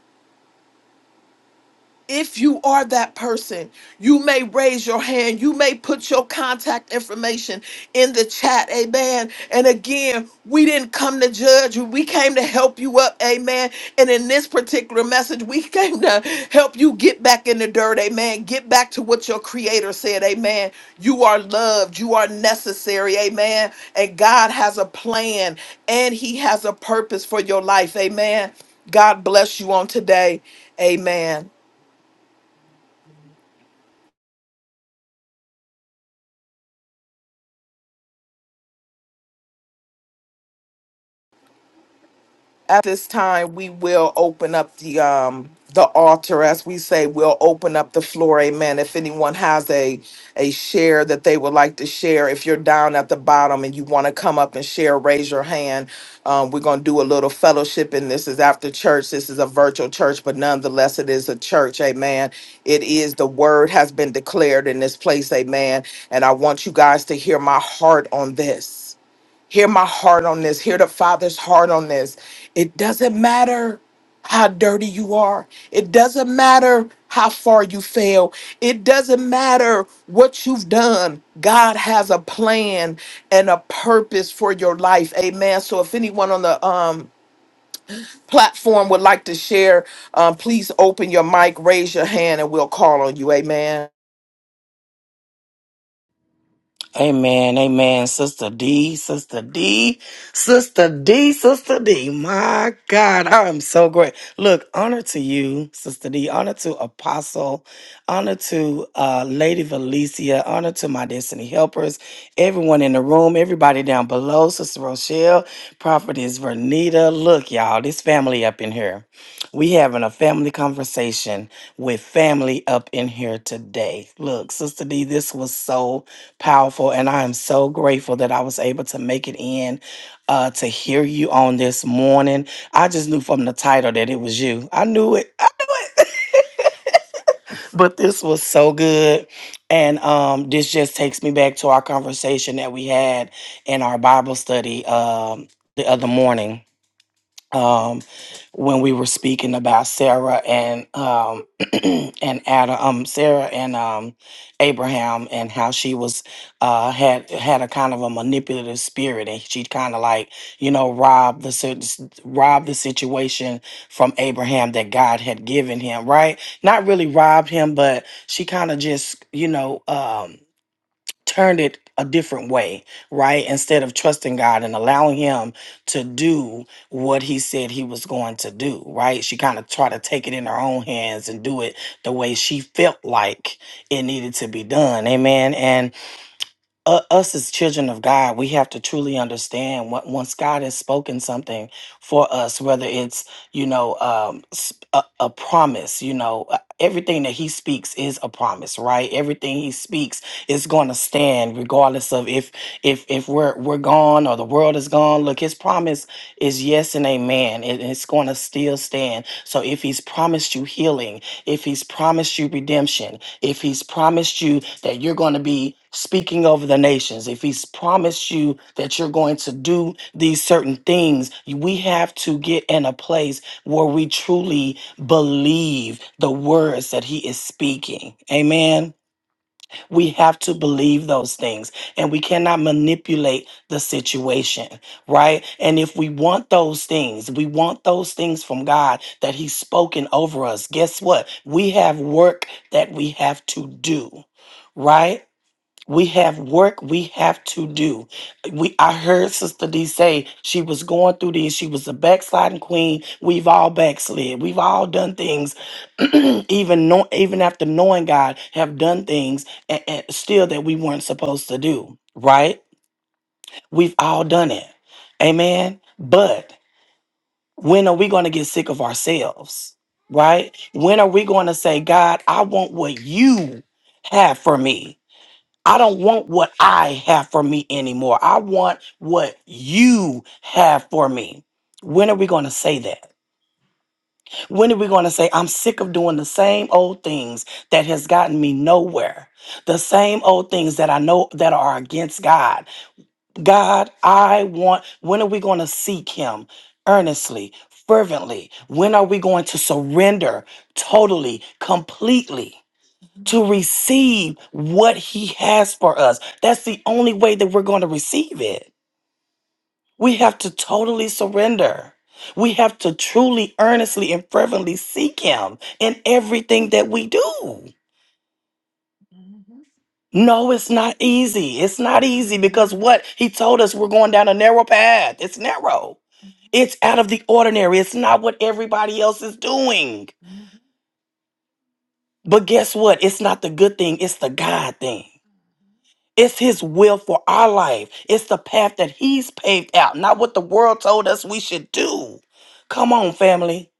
[SPEAKER 3] if you are that person, you may raise your hand. You may put your contact information in the chat. Amen. And again, we didn't come to judge you. We came to help you up. Amen. And in this particular message, we came to help you get back in the dirt. Amen. Get back to what your creator said. Amen. You are loved. You are necessary. Amen. And God has a plan and he has a purpose for your life. Amen. God bless you on today. Amen. At this time, we will open up the um the altar, as we say, we'll open up the floor. Amen. If anyone has a a share that they would like to share, if you're down at the bottom and you want to come up and share, raise your hand. Um, we're gonna do a little fellowship, and this is after church. This is a virtual church, but nonetheless, it is a church. Amen. It is the word has been declared in this place. Amen. And I want you guys to hear my heart on this. Hear my heart on this. Hear the Father's heart on this. It doesn't matter how dirty you are. It doesn't matter how far you fail. It doesn't matter what you've done. God has a plan and a purpose for your life. Amen. So if anyone on the um platform would like to share, um, please open your mic, raise your hand, and we'll call on you. Amen.
[SPEAKER 7] Amen, amen, Sister D, Sister D, Sister D, Sister D. My God, I am so great. Look, honor to you, Sister D, honor to Apostle, honor to uh, Lady Valencia, honor to my Destiny Helpers, everyone in the room, everybody down below, Sister Rochelle, Prophetess Vernita. Look, y'all, this family up in here. We having a family conversation with family up in here today. Look, Sister D, this was so powerful and i am so grateful that i was able to make it in uh to hear you on this morning i just knew from the title that it was you i knew it but this was so good and um this just takes me back to our conversation that we had in our bible study um the other morning um, when we were speaking about Sarah and um, and Adam, um, Sarah and um, Abraham, and how she was uh, had had a kind of a manipulative spirit, and she kind of like you know robbed the sit- robbed the situation from Abraham that God had given him, right? Not really robbed him, but she kind of just you know. Um, turned it a different way, right? Instead of trusting God and allowing Him to do what He said He was going to do, right? She kind of tried to take it in her own hands and do it the way she felt like it needed to be done. Amen. and uh, us as children of God, we have to truly understand what once God has spoken something for us, whether it's you know um, s- a, a promise, you know uh, everything that He speaks is a promise, right? Everything He speaks is going to stand, regardless of if if if we're we're gone or the world is gone. Look, His promise is yes and amen, and it's going to still stand. So if He's promised you healing, if He's promised you redemption, if he's promised you that you're going to be speaking over the nations, if he's promised you that you're going to do these certain things, we have to get in a place where we truly believe the words that he is speaking. Amen. We have to believe those things and we cannot manipulate the situation, right? And if we want those things, we want those things from God that He's spoken over us. Guess what? We have work that we have to do. Right? We have work we have to do. We I heard Sister D say she was going through this. She was a backsliding queen. We've all backslid. We've all done things, even know, even after knowing God, have done things and, still that we weren't supposed to do. Right? We've all done it. Amen. But when are we going to get sick of ourselves? Right? When are we going to say, God, I want what you have for me? I don't want what I have for me anymore. I want what you have for me. When are we going to say that? When are we going to say, I'm sick of doing the same old things that has gotten me nowhere? The same old things that I know that are against God. God, I want, when are we going to seek Him earnestly, fervently? When are we going to surrender totally, completely? to receive what he has for us. That's the only way that we're going to receive it. We have to totally surrender. We have to truly, earnestly, and fervently seek him in everything that we do. No, it's not easy. It's not easy because what he told us, we're going down a narrow path. It's narrow. It's out of the ordinary. It's not what everybody else is doing. But guess what? It's not the good thing, it's the God thing. It's His will for our life. It's the path that He's paved out, not what the world told us we should do. Come on, family.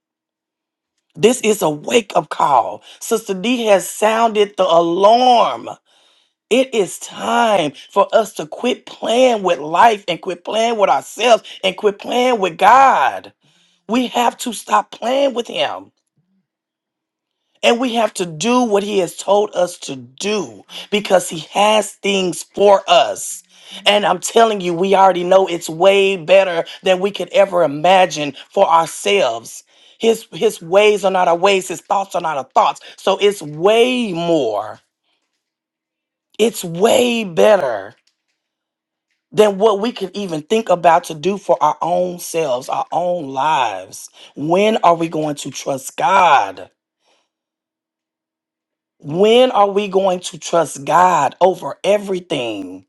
[SPEAKER 7] This is a wake up call. Sister D has sounded the alarm. It is time for us to quit playing with life and quit playing with ourselves and quit playing with God. We have to stop playing with Him. And we have to do what he has told us to do because he has things for us. And I'm telling you, we already know it's way better than we could ever imagine for ourselves. His his ways are not our ways, his thoughts are not our thoughts. So it's way more. It's way better than what we could even think about to do for our own selves, our own lives. When are we going to trust God? When are we going to trust God over everything,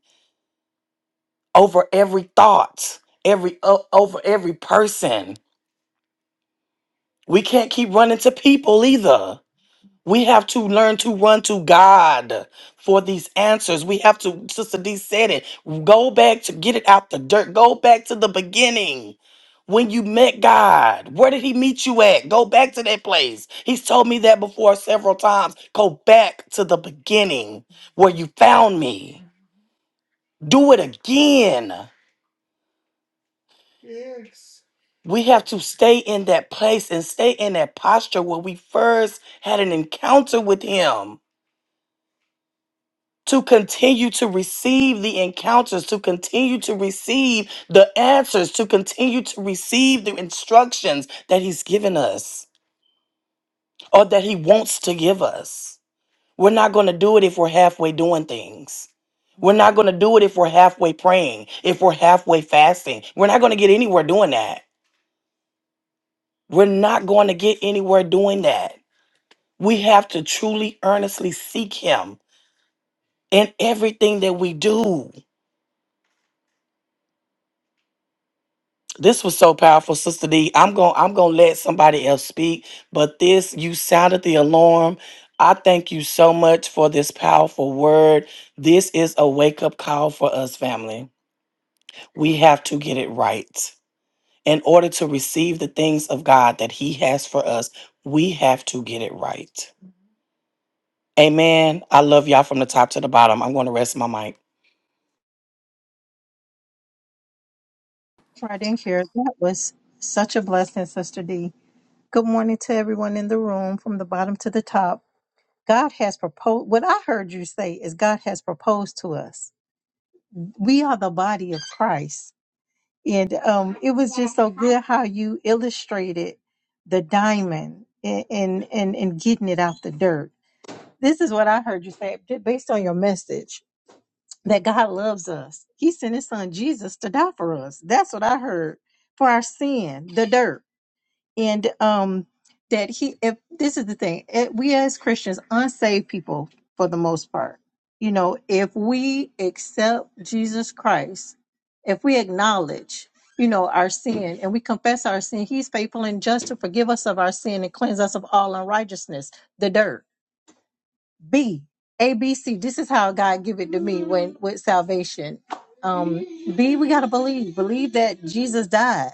[SPEAKER 7] over every thought, every o- over every person? We can't keep running to people either. We have to learn to run to God for these answers. We have to, Sister D said it, go back to get it out the dirt. Go back to the beginning. When you met God, where did he meet you at? Go back to that place. He's told me that before several times. Go back to the beginning where you found me. do it again. We have to stay in that place and stay in that posture where we first had an encounter with Him to continue to receive the encounters, to continue to receive the answers, to continue to receive the instructions that He's given us or that He wants to give us. We're not going to do it if we're halfway doing things. We're not going to do it if we're halfway praying, if we're halfway fasting. We're not going to get anywhere doing that. We're not going to get anywhere doing that. We have to truly, earnestly seek Him in everything that we do. This was so powerful, Sister D. I'm going I'm going to let somebody else speak, but this you sounded the alarm. I thank you so much for this powerful word. This is a wake-up call for us family. We have to get it right. In order to receive the things of God that he has for us, we have to get it right. Amen. I love y'all from the top to the bottom. I'm going to rest my mic.
[SPEAKER 4] Right in here. That was such a blessing, Sister D. Good morning to everyone in the room from the bottom to the top. God has proposed, what I heard you say is God has proposed to us. We are the body of Christ. And um, it was just so good how you illustrated the diamond and, and, and, and getting it out the dirt. This is what I heard you say based on your message that God loves us. He sent his son Jesus to die for us. That's what I heard for our sin, the dirt. And um that he if this is the thing, eh, we as Christians, unsaved people for the most part, you know, if we accept Jesus Christ, if we acknowledge you know our sin and we confess our sin he's faithful and just to forgive us of our sin and cleanse us of all unrighteousness the dirt B, A, B, C. This is how God give it to me when with salvation. Um, B, we gotta believe. Believe that Jesus died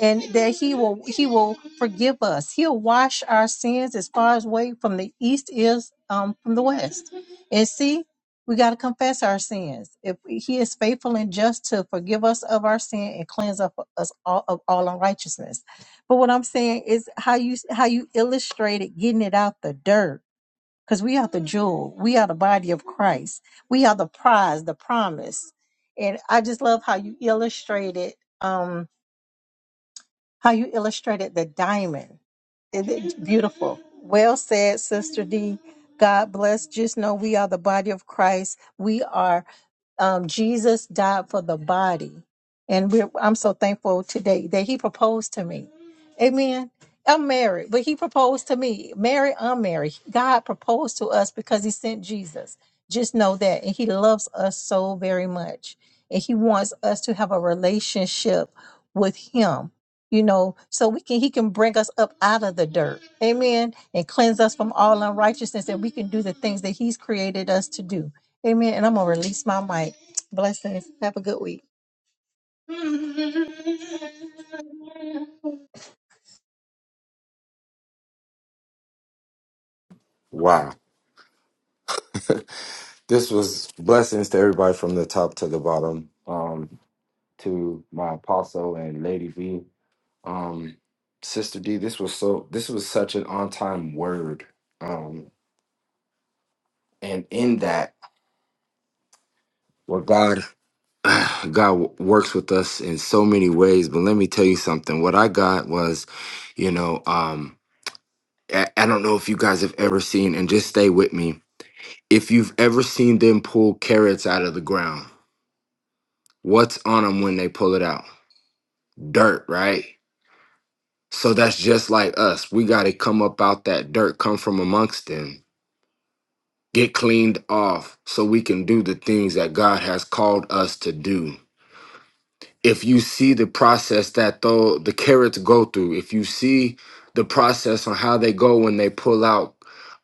[SPEAKER 4] and that He will He will forgive us. He'll wash our sins as far as way from the east is um from the west. And C, we gotta confess our sins. If He is faithful and just to forgive us of our sin and cleanse up us all of all unrighteousness. But what I'm saying is how you how you illustrated getting it out the dirt because we are the jewel. We are the body of Christ. We are the prize, the promise. And I just love how you illustrated. um, how you illustrated the diamond. It- It's beautiful. Well said, Sister D. God bless. Just know we are the body of Christ. We are um, Jesus died for the body, and we're, I'm so thankful today that He proposed to me. Amen. I'm married, but He proposed to me. Married, unmarried. God proposed to us because He sent Jesus. Just know that, and He loves us so very much, and He wants us to have a relationship with Him you know, so we can he can bring us up out of the dirt. Amen. And cleanse us from all unrighteousness and we can do the things that he's created us to do. Amen. And I'm gonna release my mic. Blessings. Have a good week.
[SPEAKER 2] Wow. This was blessings to everybody from the top to the bottom. Um, to my apostle and Lady V, um, Sister D. This was so. This was such an on time word. Um, and in that, where God, God works with us in so many ways. But let me tell you something. What I got was, you know, um, I, I don't know if you guys have ever seen, and just stay with me. If you've ever seen them pull carrots out of the ground, what's on them when they pull it out? dirt, right? So that's just like us. We got to come up out that dirt, come from amongst them, get cleaned off so we can do the things that God has called us to do. if you see the process that though the carrots go through, if you see the process on how they go when they pull out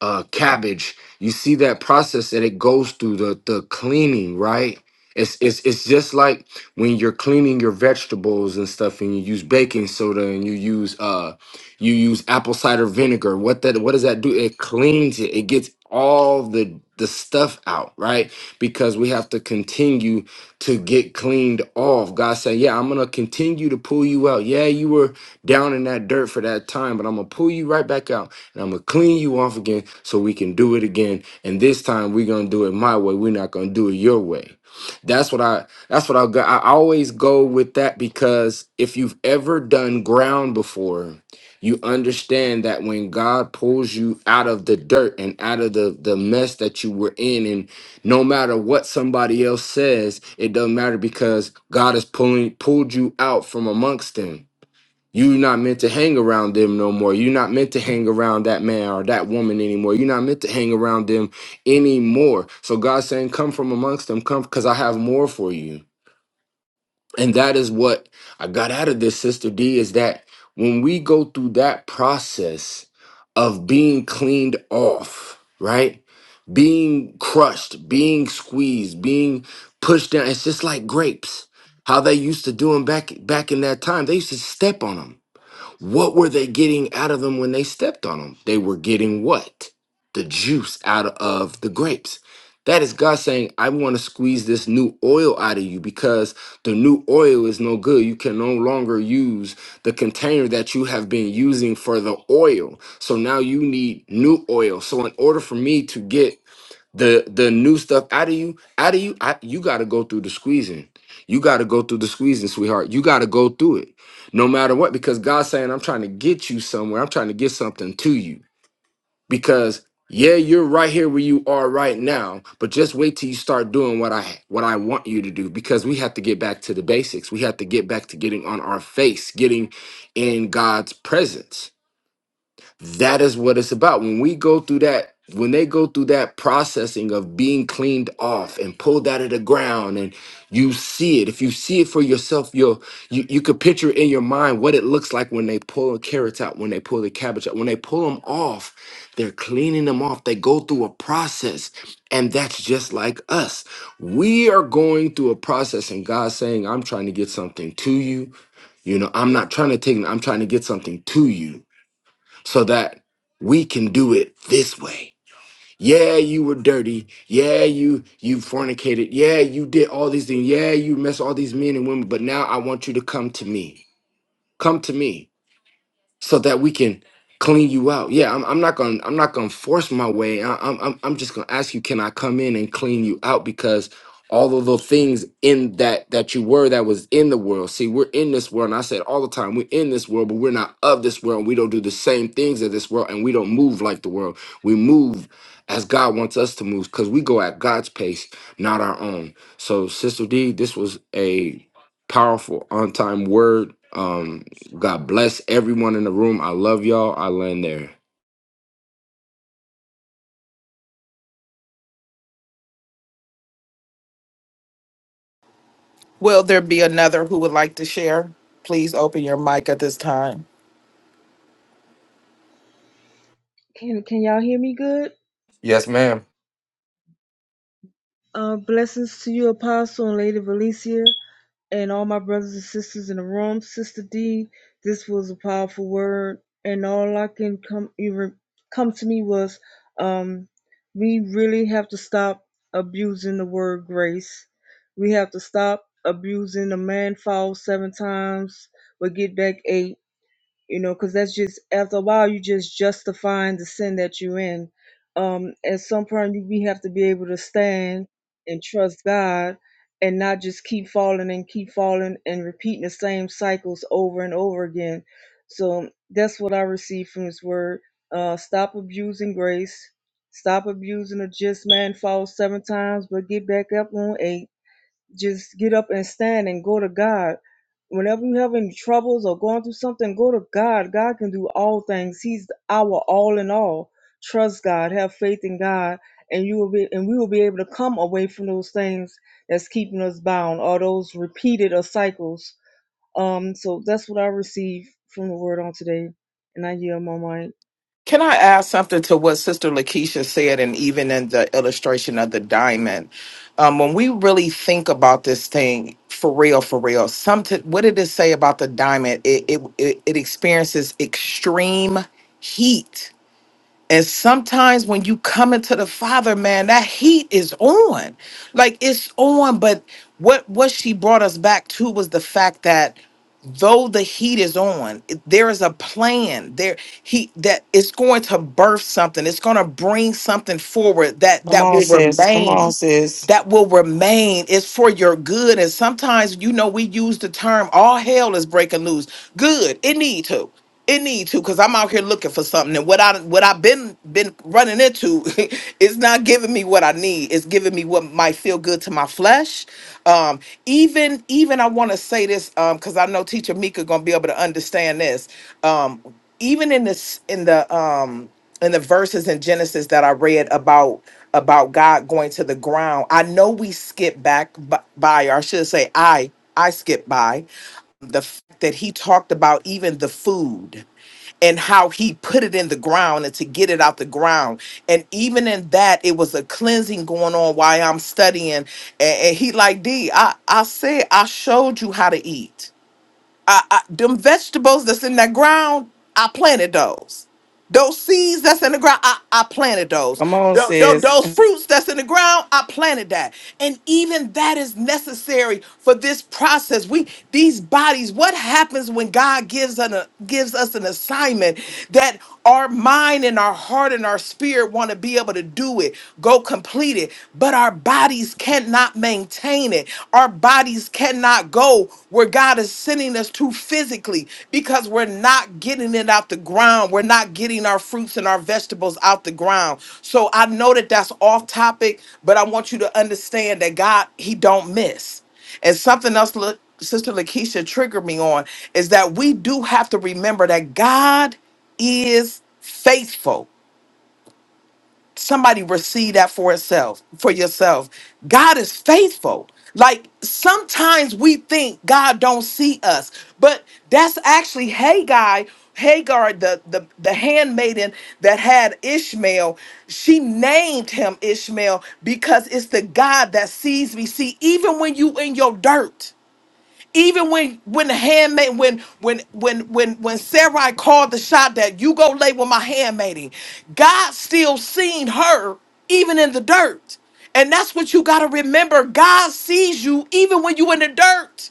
[SPEAKER 2] uh, cabbage, you see that process that it goes through the the cleaning, right? It's, it's, it's just like when you're cleaning your vegetables and stuff and you use baking soda and you use uh you use apple cider vinegar what that what does that do it cleans it it gets all the the stuff out right because we have to continue to get cleaned off. God said, Yeah, I'm gonna continue to pull you out. Yeah, you were down in that dirt for that time, but I'm gonna pull you right back out and I'm gonna clean you off again so we can do it again. And this time we're gonna do it my way. We're not gonna do it your way. That's what I that's what I go. I always go with that because if you've ever done ground before, you understand that when God pulls you out of the dirt and out of the, the mess that you were in no matter what somebody else says, it doesn't matter because God has pulling pulled you out from amongst them. You're not meant to hang around them no more. You're not meant to hang around that man or that woman anymore. You're not meant to hang around them anymore. So God's saying, Come from amongst them, come because I have more for you. And that is what I got out of this, Sister D, is that when we go through that process of being cleaned off, right? being crushed, being squeezed, being pushed down. It's just like grapes. How they used to do them back back in that time. They used to step on them. What were they getting out of them when they stepped on them? They were getting what? The juice out of the grapes. That is God saying, I want to squeeze this new oil out of you because the new oil is no good. You can no longer use the container that you have been using for the oil. So now you need new oil. So in order for me to get the the new stuff out of you out of you I, you got to go through the squeezing you got to go through the squeezing sweetheart you got to go through it no matter what because god's saying i'm trying to get you somewhere i'm trying to get something to you because yeah you're right here where you are right now but just wait till you start doing what i what i want you to do because we have to get back to the basics we have to get back to getting on our face getting in god's presence that is what it's about when we go through that when they go through that processing of being cleaned off and pulled out of the ground and you see it if you see it for yourself you'll you, you could picture in your mind what it looks like when they pull the carrots out when they pull the cabbage out when they pull them off they're cleaning them off they go through a process and that's just like us we are going through a process and god's saying i'm trying to get something to you you know i'm not trying to take i'm trying to get something to you so that we can do it this way. Yeah, you were dirty. Yeah, you you fornicated. Yeah, you did all these things. Yeah, you messed all these men and women, but now I want you to come to me. Come to me so that we can clean you out. Yeah, I'm, I'm not gonna I'm not gonna force my way. I, I'm I'm I'm just gonna ask you, can I come in and clean you out? Because all of the things in that that you were that was in the world. See, we're in this world, and I said all the time, we're in this world, but we're not of this world. And we don't do the same things as this world, and we don't move like the world. We move as God wants us to move, because we go at God's pace, not our own. So, Sister D, this was a powerful on time word. Um, God bless everyone in the room. I love y'all. I land there.
[SPEAKER 3] Will there be another who would like to share? Please open your mic at this time.
[SPEAKER 5] Can Can y'all hear me good?
[SPEAKER 2] Yes, ma'am.
[SPEAKER 5] Uh, blessings to you, Apostle and Lady Valencia, and all my brothers and sisters in the room. Sister D, this was a powerful word, and all I can come even come to me was, um, we really have to stop abusing the word grace. We have to stop abusing the man falls seven times, but get back eight you know because that's just after a while you just justifying the sin that you're in um at some point you- we have to be able to stand and trust god and not just keep falling and keep falling and repeating the same cycles over and over again so that's what i received from this word uh stop abusing grace stop abusing the just man falls seven times but get back up on eight just get up and stand and go to God. Whenever you have any troubles or going through something, go to God. God can do all things. He's our all in all. Trust God, have faith in God, and you will be and we will be able to come away from those things that's keeping us bound or those repeated or cycles. Um, so that's what I received from the word on today. And I yield my mic.
[SPEAKER 3] Can I add something to what Sister Lakeisha said, and even in the illustration of the diamond? Um, when we really think about this thing for real, for real, something, what did it say about the diamond? It, it, it, it experiences extreme heat and sometimes when you come into the Father, man, that heat is on. Like it's on, but what what she brought us back to was the fact that though the heat is on, it- there is a plan. There he that it's going to birth something. It's going to bring something forward that
[SPEAKER 7] Come
[SPEAKER 3] that
[SPEAKER 7] on,
[SPEAKER 3] will
[SPEAKER 7] sis. Come
[SPEAKER 3] remain
[SPEAKER 7] on, sis.
[SPEAKER 3] that will remain is for your good. And sometimes, you know, we use the term all hell is breaking loose. Good. It need to. It need to, because I'm out here looking for something. And what I what I've been been running into is not giving me what I need. It's giving me what might feel good to my flesh. Um, even even I want to say this um, because I know teacher Mika gonna be able to understand this. Um, even in this in the um and the verses in Genesis that I read about about God going to the ground. I know we skip back b- by, or I should say, I I skip by the fact that he talked about even the food and how he put it in the ground and to get it out the ground. And even in that, it was a cleansing going on while I'm studying. And, and he like, D, I, I said I showed you how to eat. I, I, them vegetables that's in that ground, I planted those. Those seeds that's in the ground, I, I planted those.
[SPEAKER 7] Come on,
[SPEAKER 3] Tho- tho-
[SPEAKER 7] sis.
[SPEAKER 3] Those fruits that's in the ground, I planted that. And even that is necessary for this process. We these bodies, what happens when God gives an uh, gives us an assignment that our mind and our heart and our spirit want to be able to do it, go complete it, but our bodies cannot maintain it. Our bodies bodies cannot go where God is sending us to physically because we're not getting it out the ground. We're not getting our fruits and our vegetables out the ground. So I know that that's off topic, but I want you to understand that God, He don't miss. And something else, look, Sister Lakeisha triggered me on is that we do have to remember that God is faithful somebody receive that for itself for yourself god is faithful like sometimes we think god don't see us but that's actually Haggai, hagar the, the the handmaiden that had ishmael she named him ishmael because it's the god that sees me see even when you in your dirt even when when the handmaid when when when when when Sarai called the shot that you go lay with my handmaiden, God still seen her even in the dirt. And that's what you gotta remember. God sees you even when you in the dirt.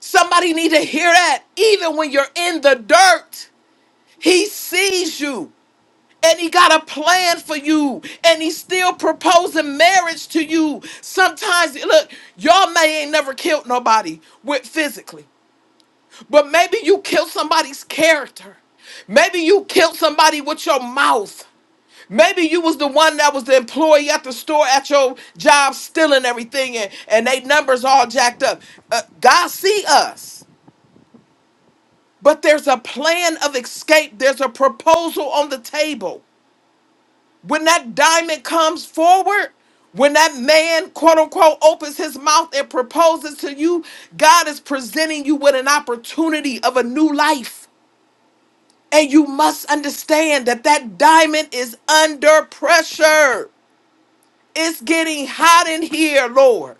[SPEAKER 3] Somebody need to hear that. Even when you're in the dirt, he sees you. And he got a plan for you. And he's still proposing marriage to you. Sometimes, look, y'all may ain't never killed nobody with physically. But maybe you kill somebody's character. Maybe you killed somebody with your mouth. Maybe you was the one that was the employee at the store at your job stealing everything and, and they numbers all jacked up. Uh, God see us. But there's a plan of escape. There's a proposal on the table. When that diamond comes forward, when that man, quote unquote, opens his mouth and proposes to you, God is presenting you with an opportunity of a new life. And you must understand that that diamond is under pressure. It's getting hot in here, Lord.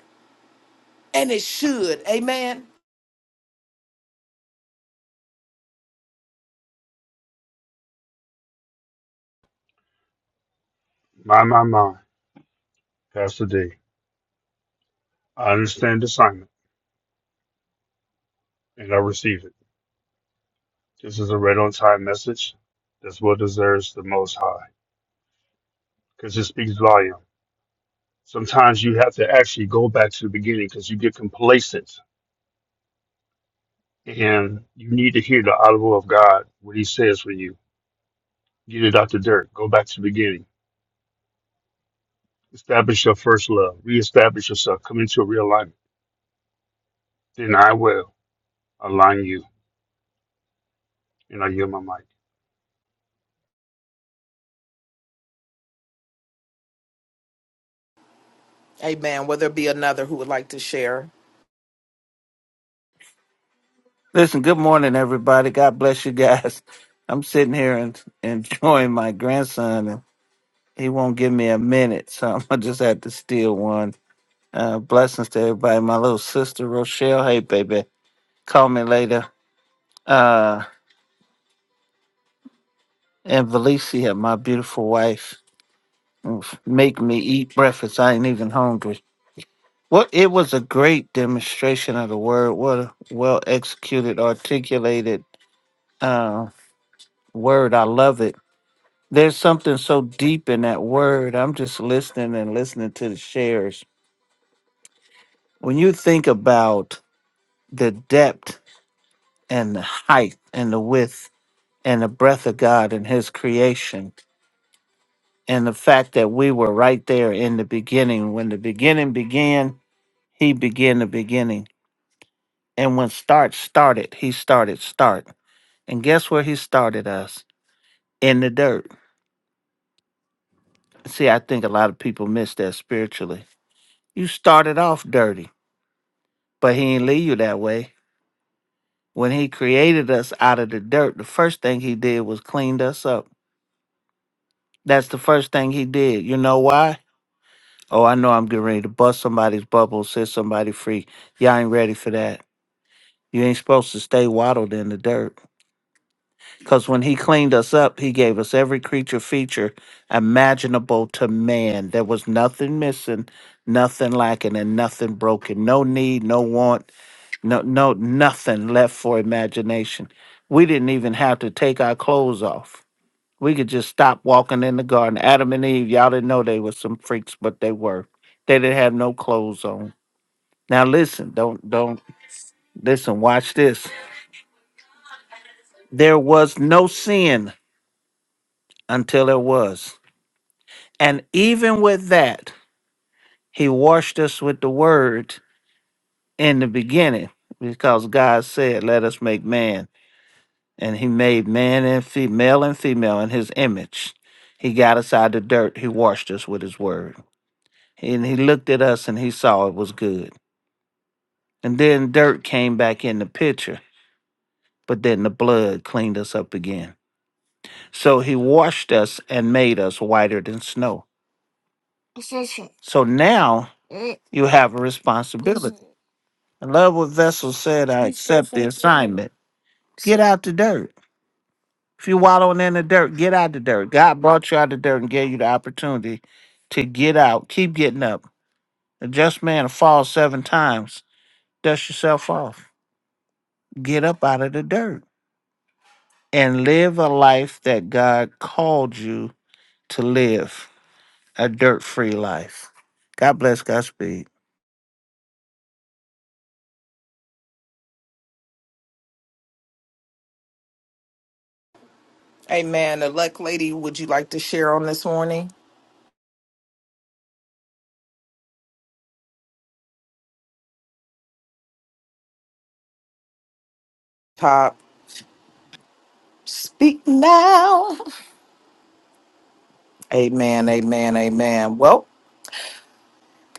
[SPEAKER 3] And it should. Amen.
[SPEAKER 1] My, my, my. Pastor D. I understand the assignment and I receive it. This is a right on time message. That's what deserves the most high because it speaks volume. Sometimes you have to actually go back to the beginning because you get complacent and you need to hear the audible of God, what he says for you. Get it out the dirt. Go back to the beginning. Establish your first love. Reestablish yourself. Come into a realignment. Then I will align you and I yield my mic.
[SPEAKER 3] Amen. Will there be another who would like to share?
[SPEAKER 6] Listen, good morning, everybody. God bless you guys. I'm sitting here and enjoying my grandson, and he won't give me a minute, so I'm gonna just have to steal one. Uh, blessings to everybody. My little sister Rochelle, hey baby, call me later. Uh, and Valicia, my beautiful wife, oof, make me eat breakfast. I ain't even hungry. What it was a great demonstration of the word. What a well executed, articulated. uh, Word, I love it. There's something so deep in that word. I'm just listening and listening to the shares. When you think about the depth and the height and the width and the breath of God and His creation, and the fact that we were right there in the beginning, when the beginning began, He began the beginning. And when start started, He started start. And guess where He started us? In the dirt. See, I think a lot of people miss that spiritually. You started off dirty but he didn't leave you that way. When he created us out of the dirt, the first thing he did was cleaned us up. That's the first thing he did. You know why? Oh, I know I'm getting ready to bust somebody's bubble, set somebody free. Y'all ain't ready for that. You ain't supposed to stay waddled in the dirt. Because when he cleaned us up, he gave us every creature feature imaginable to man. There was nothing missing, nothing lacking, and nothing broken. No need, no want, No, no, nothing left for imagination. We didn't even have to take our clothes off. We could just stop walking in the garden. Adam and Eve, y'all didn't know they were some freaks, but they were. They didn't have no clothes on. Now listen, don't don't listen, watch this. There was no sin until there was. And even with that, he washed us with the word in the beginning because God said, "Let us make man." and he made man and fe- male and female in his image. He got us out of the dirt. He washed us with his word. And he looked at us and he saw it was good. And then dirt came back in the picture, but then the blood cleaned us up again. So he washed us and made us whiter than snow. So now you have a responsibility. I love what Vessel said. I accept the assignment. Get out the dirt. If you wallowing in the dirt, get out of the dirt. God brought you out of the dirt and gave you the opportunity to get out. Keep getting up. A just man falls seven times. Dust yourself off. Get up out of the dirt and live a life that God called you to live. A dirt free life. God bless Godspeed.
[SPEAKER 3] Amen. Elect lady, would you like to share on this morning? Pop, speak now. Amen. Amen. Amen. Well,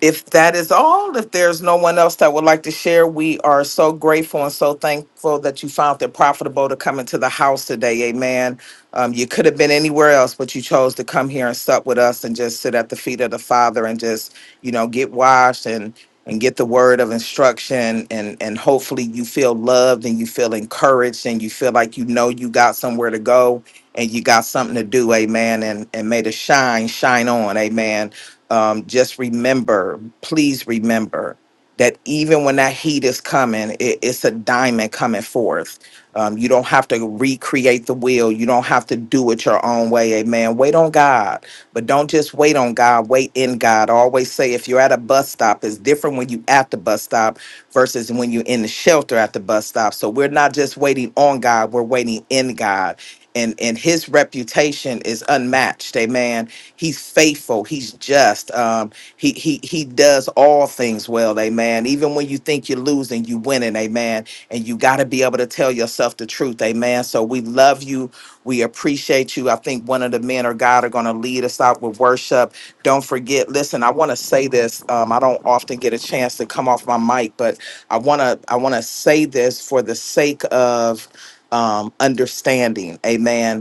[SPEAKER 3] if that is all, if there's no one else that would like to share, we are so grateful and so thankful that you found it profitable to come into the house today. Amen. Um, you could have been anywhere else, but you chose to come here and sup with us and just sit at the feet of the Father and just, you know, get washed and and get the word of instruction and and hopefully you feel loved and you feel encouraged and you feel like you know you got somewhere to go and you got something to do amen and and may the shine shine on amen um, just remember, please remember that even when that heat is coming, it, it's a diamond coming forth. Um, you don't have to recreate the wheel. You don't have to do it your own way. Amen. Wait on God, but don't just wait on God. Wait in God. I always say if you're at a bus stop, it's different when you at the bus stop versus when you're in the shelter at the bus stop. So we're not just waiting on God. We're waiting in God. And, and his reputation is unmatched. Amen He's faithful. He's just. Um, he he he does all things well. Amen. Even when you think you're losing, you winning. Amen. And you got to be able to tell yourself the truth. Amen. So we love you. We appreciate you. I think one of the men or God are going to lead us out with worship. Don't forget. Listen, I want to say this. Um, I don't often get a chance to come off my mic, but I want to I want to say this for the sake of um, understanding. Amen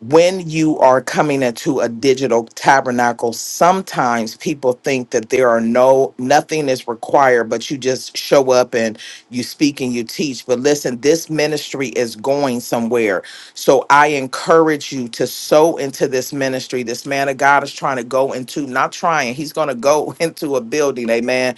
[SPEAKER 3] when you are coming into a digital tabernacle sometimes people think that there are no nothing is required but you just show up and you speak and you teach but listen this ministry is going somewhere so i encourage you to sow into this ministry this man of god is trying to go into not trying he's going to go into a building amen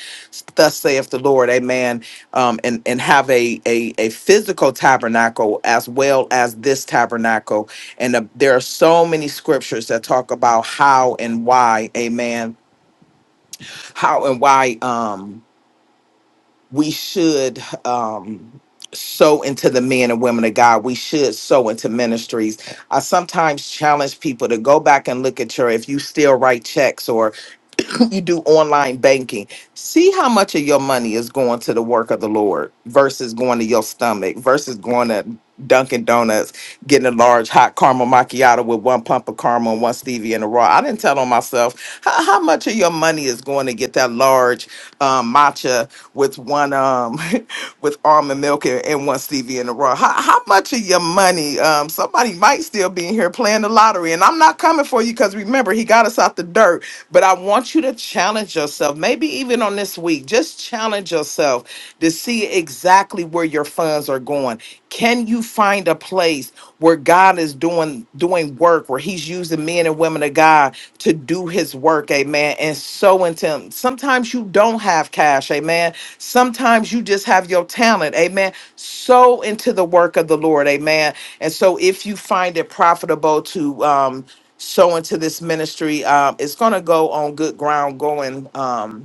[SPEAKER 3] thus saith the lord amen um, and and have a, a a physical tabernacle as well as this tabernacle and uh, there are so many scriptures that talk about how and why, amen, how and why um, we should um, sow into the men and women of God. We should sow into ministries. I sometimes challenge people to go back and look at your, if you still write checks or you do online banking, see how much of your money is going to the work of the Lord versus going to your stomach versus going to Dunkin' Donuts, getting a large hot caramel macchiato with one pump of caramel and one stevia and a raw. I didn't tell on myself how, how much of your money is going to get that large um, matcha with one um with almond almond milk and, and one Stevie in a row. How, how much of your money? Um, somebody might still be in here playing the lottery, and I'm not coming for you because remember he got us out the dirt. But I want you to challenge yourself, maybe even on this week, just challenge yourself to see exactly where your funds are going. Can you find a place where God is doing doing work, where He's using men and women of God to do His work, Amen? And so into Sometimes you don't have cash, Amen. Sometimes you just have your talent, Amen. So into the work of the Lord, Amen. And so, if you find it profitable to um, sow into this ministry, um, it's going to go on good ground, going. Um,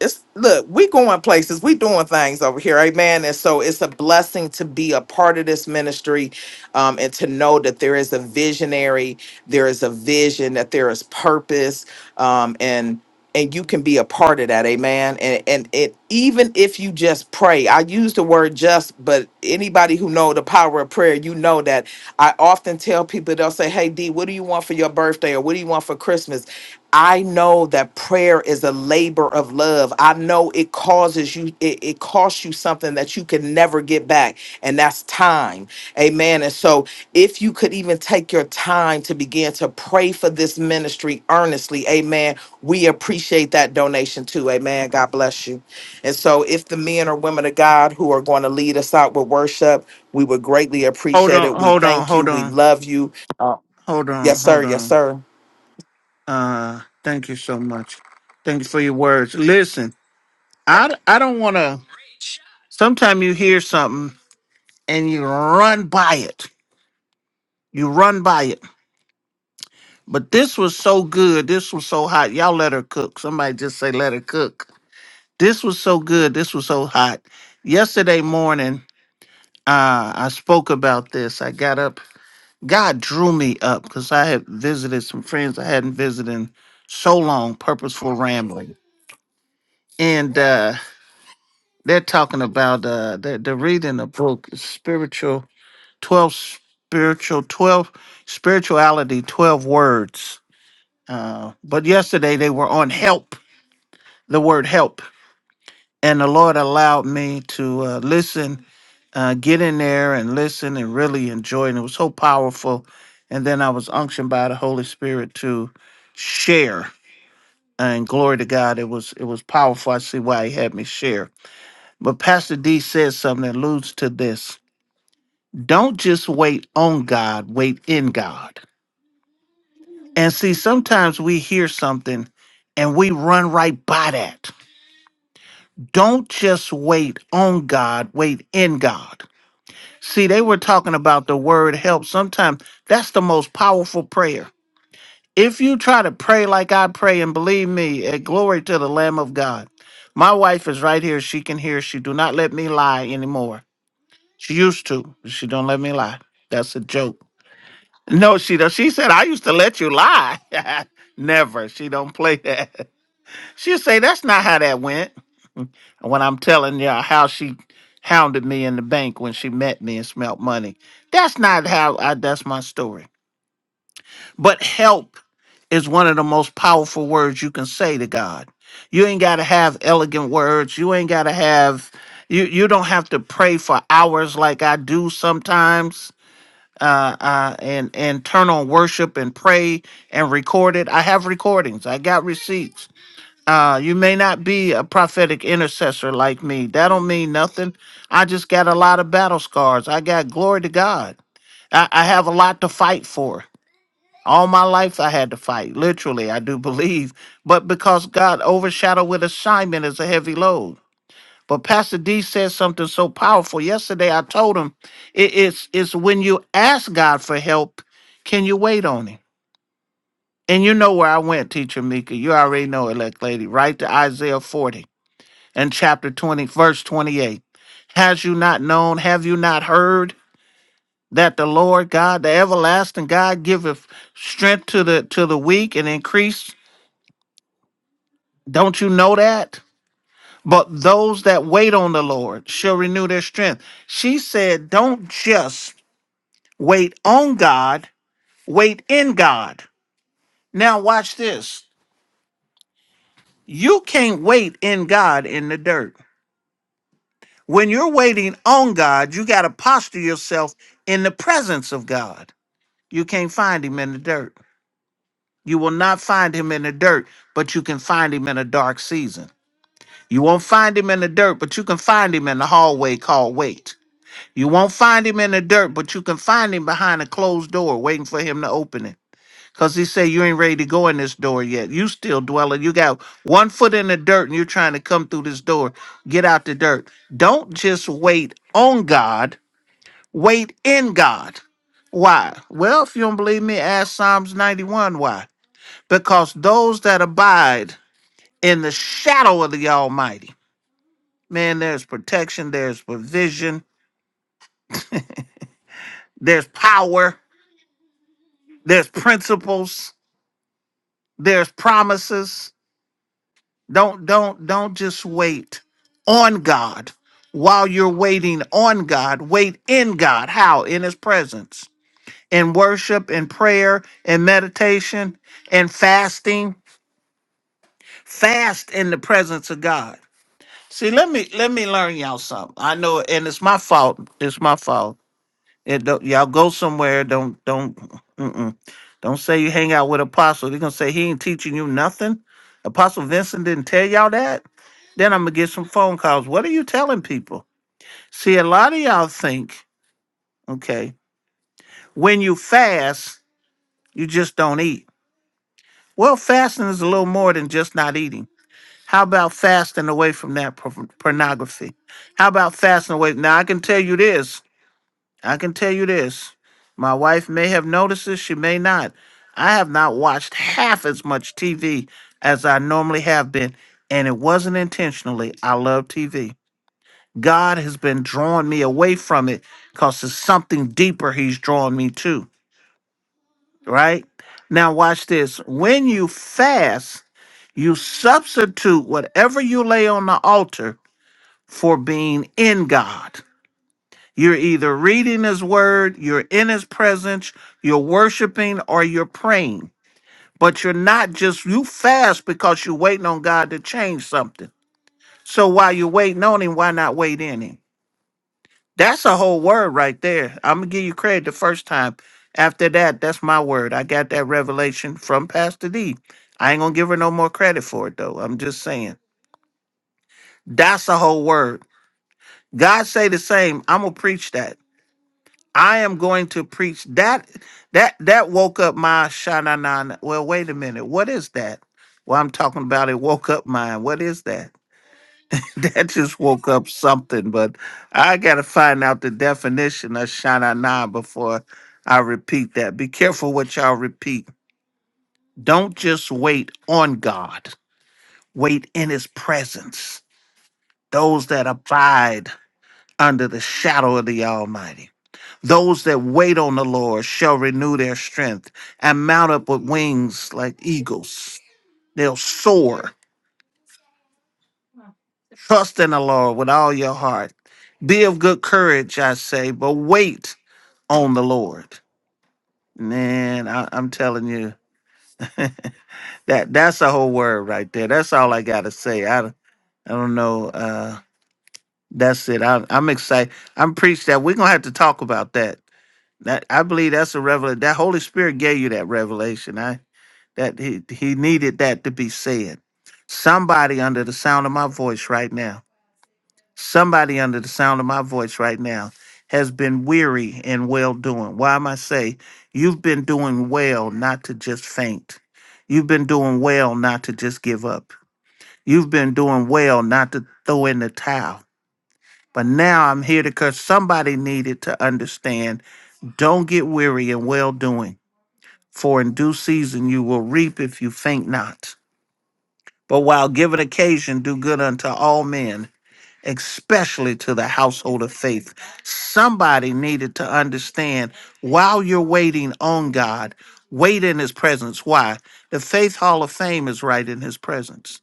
[SPEAKER 3] it's look, we going places, we doing things over here, amen. And so it's a blessing to be a part of this ministry, um, and to know that there is a visionary, there is a vision, that there is purpose, um, and and you can be a part of that, amen. And and it even if you just pray, I use the word just, but anybody who know the power of prayer, you know that I often often tell people, they'll say, Hey, D, what do you want for your birthday or what do you want for Christmas? I know that prayer is a labor of love. I know it causes you, it, it costs you something that you can never get back, and that's time. Amen. And so, if you could even take your time to begin to pray for this ministry earnestly, amen, we appreciate that donation too. Amen. God bless you. And so, if the men or women of God who are going to lead us out with worship, we would greatly
[SPEAKER 6] Hold
[SPEAKER 3] appreciate
[SPEAKER 6] on,
[SPEAKER 3] it. We
[SPEAKER 6] hold on,
[SPEAKER 3] thank you.
[SPEAKER 6] hold
[SPEAKER 3] We
[SPEAKER 6] on,
[SPEAKER 3] love you. Uh,
[SPEAKER 6] hold on,
[SPEAKER 3] yes, sir.
[SPEAKER 6] hold
[SPEAKER 3] Yes,
[SPEAKER 6] on.
[SPEAKER 3] sir.
[SPEAKER 6] Uh thank you so much. Thank you for your words. Listen, I I don't wanna sometimes you hear something and you run by it. You run by it. But this was so good. This was so hot. Y'all let her cook. Somebody just say let her cook. This was so good. This was so hot. Yesterday morning, uh, I spoke about this. I got up. God drew me up because I had visited some friends I hadn't visited in so long, purposeful rambling. And uh, they're talking about, uh, they're, they're reading a book, Spiritual. 12 spiritual 12 spirituality 12 words uh, but yesterday they were on help the word help and the lord allowed me to uh, listen uh, get in there and listen and really enjoy it. and it was so powerful and then i was unctioned by the holy spirit to share and glory to god it was it was powerful i see why he had me share but pastor d said something that alludes to this don't just wait on god wait in god And see, sometimes we hear something and we run right by that. Don't just wait on God, wait in God. See, they were talking about the word help. Sometimes that's the most powerful prayer. If you try to pray like I pray, and believe me, eh, glory to the Lamb of God. My wife is right here. She can hear. She do not let me lie anymore. She used to. but She don't let me lie. That's a joke. No, she does. She said I used to let you lie. Never. She don't play that. She'll say that's not how that went. And When I'm telling you how she hounded me in the bank when she met me and smelt money, that's not how I. That's my story. But help is one of the most powerful words you can say to God. You ain't got to have elegant words. You ain't got to have. You you don't have to pray for hours like I do sometimes. Uh, uh, and and turn on worship and pray and record it. I have recordings. I got receipts. Uh, you may not be a prophetic intercessor like me. That don't mean nothing. I just got a lot of battle scars. I got glory to God. I, I have a lot to fight for. All my life I had to fight. Literally, I do believe. But because God overshadowed with assignment is a heavy load. But Pastor D said something so powerful yesterday. I told him it, it's it's when you ask God for help, can you wait on him? And you know where I went, Teacher Mika. You already know it, like lady, right to Isaiah 40 and chapter 20, verse 28. Has you not known, have you not heard that the Lord God, the everlasting God, giveth strength to the to the weak and increase? Don't you know that? But those that wait on the Lord shall renew their strength. She said, Don't just wait on God, wait in God. Now watch this. You can't wait in God in the dirt. When you're waiting on God, you got to posture yourself in the presence of God. You can't find him in the dirt. You will not find him in the dirt, but you can find him in a dark season. You won't find him in the dirt, but you can find him in the hallway called wait. You won't find him in the dirt, but you can find him behind a closed door waiting for him to open it. Because he said, You ain't ready to go in this door yet. You still dwelling. You got one foot in the dirt and you're trying to come through this door. Get out the dirt. Don't just wait on God Wait in God. Why? Well, if you don't believe me, ask Psalms 91 why. Because those that abide in the shadow of the Almighty, man, there's protection, there's provision, there's power, there's principles, there's promises. Don't don't don't just wait on God. While you're waiting on God, wait in God. How? In his presence. In worship, in prayer, in meditation, in fasting Fast in the presence of God. See, let me let me learn y'all something. I know, and it's my fault. It's my fault. It don't, y'all go somewhere. Don't don't mm-mm. don't say you hang out with apostle. They're gonna say he ain't teaching you nothing. Apostle Vincent didn't tell y'all that. Then I'm gonna get some phone calls. What are you telling people? See, a lot of y'all think okay when you fast, you just don't eat. Well, fasting is a little more than just not eating. How about fasting away from that por- pornography? How about fasting away? Now, I can tell you this. I can tell you this. My wife may have noticed this, she may not. I have not watched half as much TV as I normally have been, and it wasn't intentionally. I love TV. God has been drawing me away from it because there's something deeper He's drawing me to, right? Now, watch this. When you fast, you substitute whatever you lay on the altar for being in God. You're either reading His Word, you're in His presence, you're worshiping, or you're praying. But you're not just, you fast because you're waiting on God to change something. So while you're waiting on Him, why not wait in Him? That's a whole word right there. I'm going to give you credit the first time. After that, that's my word. I got that revelation from Pastor D. I ain't going to give her no more credit for it, though. I'm just saying. That's a whole word. God say the same. I'm going to preach that. I am going to preach that that that woke up my shanana. Well, wait a minute. What is that? Well, I'm talking about it woke up mine. What is that? That just woke up something, but I gotta find out the definition of shanana before I repeat that. Be careful what y'all repeat. Don't just wait on God. Wait in his presence. Those that abide under the shadow of the Almighty. Those that wait on the Lord shall renew their strength and mount up with wings like eagles. They'll soar. Trust in the Lord with all your heart. Be of good courage, I say, but wait on the Lord. Man, I, I'm telling you, that that's a whole word right there. That's all I gotta say. I don't- I don't know. Uh, that's it. I, I'm excited. I'm preached that we're gonna have to talk about that. That I believe that's a revelation. That Holy Spirit gave you that revelation. That he, he needed that to be said. Somebody under the sound of my voice right now, somebody under the sound of my voice right now has been weary and well doing. Why am I say you've been doing well not to just faint. You've been doing well not to just give up. You've been doing well not to throw in the towel. But now I'm here because somebody needed to understand don't get weary in well doing, for in due season you will reap if you faint not. But while given occasion, do good unto all men, especially to the household of faith. Somebody needed to understand while you're waiting on God, wait in his presence. Why? The Faith Hall of Fame is right in his presence.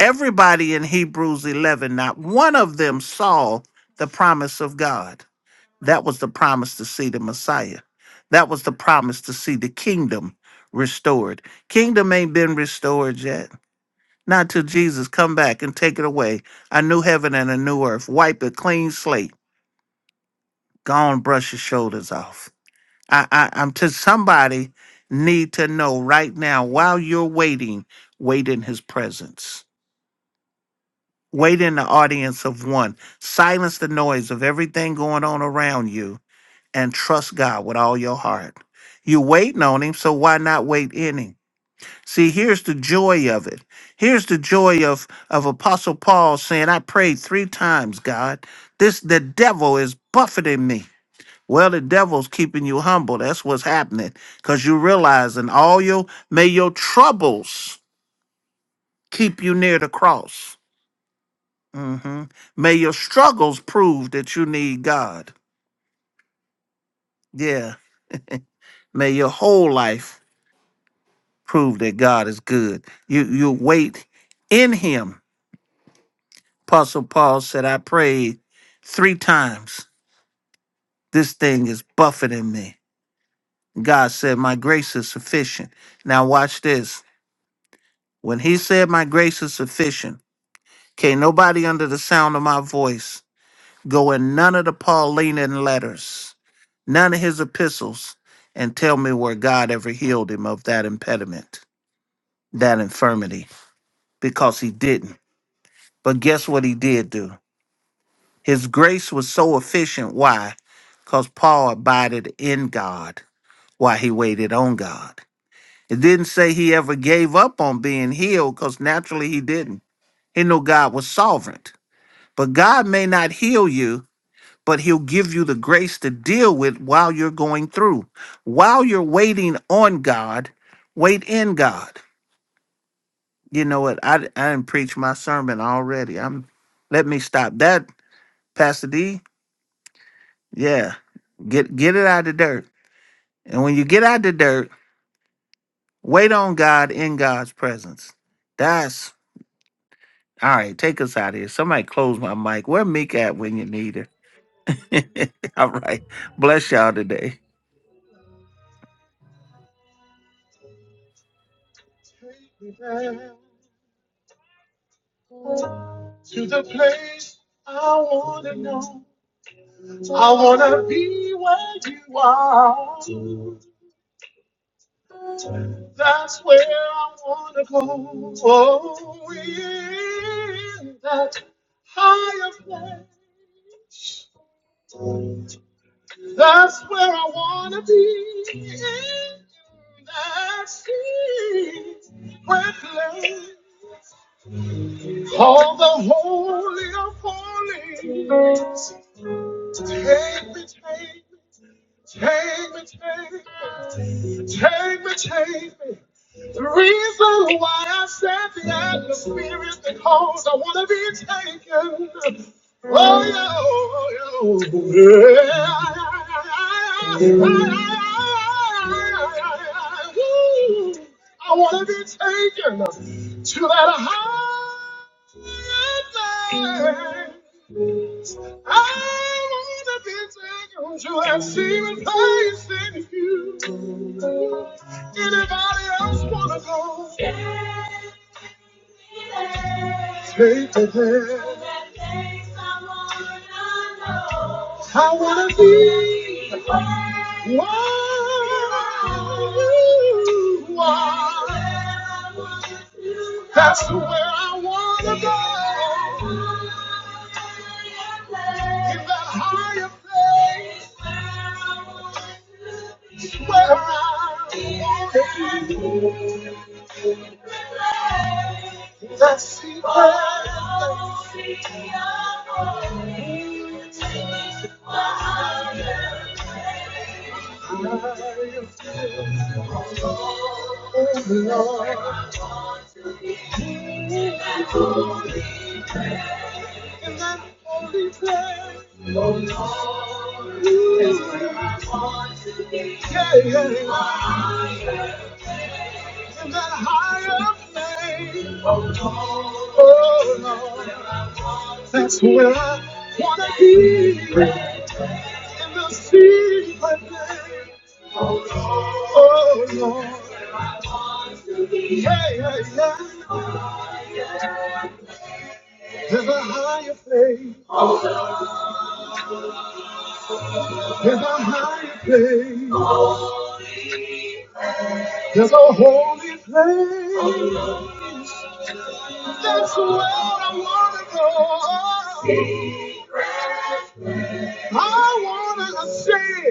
[SPEAKER 6] Everybody in Hebrews 11, not one of them saw the promise of God. That was the promise to see the Messiah. That was the promise to see the kingdom restored. Kingdom ain't been restored yet not till Jesus come back and take it away. A new heaven and a new earth. Wipe a clean slate. Gone brush your shoulders off. I, I I'm to somebody need to know right now while you're waiting, wait in his presence. Wait in the audience of one. Silence the noise of everything going on around you and trust God with all your heart. you waiting on him, so why not wait in him? See, here's the joy of it. Here's the joy of, of Apostle Paul saying, I prayed three times, God. This the devil is buffeting me. Well, the devil's keeping you humble. That's what's happening. Because you realizing all your may your troubles keep you near the cross. hmm May your struggles prove that you need God. Yeah. May your whole life prove that God is good. You you wait in him Apostle Paul said, I prayed three times. This thing is buffeting me. God said, My grace is sufficient. Now, watch this. When he said, My grace is sufficient, can't nobody under the sound of my voice go in none of the Pauline letters, none of his epistles, and tell me where God ever healed him of that impediment, that infirmity, because he didn't. But guess what he did do? His grace was so efficient. Why? Because Paul abided in God while he waited on God. It didn't say he ever gave up on being healed because naturally he didn't. He knew God was sovereign. But God may not heal you, but he'll give you the grace to deal with while you're going through. While you're waiting on God, wait in God. You know what? I, I didn't preach my sermon already. I'm let me stop that, Pastor D. Yeah. Get get it out of there. And when you get out the dirt, wait on God in God's presence. That's all right. Take us out of here. Somebody close my mic. Where Meek at when you need her? all right. Bless y'all today.
[SPEAKER 1] To the place I want to know. I wanna be where you are. That's where I wanna go. Oh, in that higher place. Oh, I wanna be taken. Oh yeah, oh yeah. oh, yeah. I wanna be taken. to that higher I wanna be taken to that secret place in you. Anybody else wanna go? Take me there. I wanna be where you are. That's where I wanna go. In that higher place where I want to be. In that secret place, Lord. Yeah, yeah. In that higher place, oh Lord. That's where I wanna be. In the secret place. Oh Lord. Yeah, yeah, yeah. There's a higher place. There's a higher place. There's a holy place. That's where I wanna go. I wanna ascend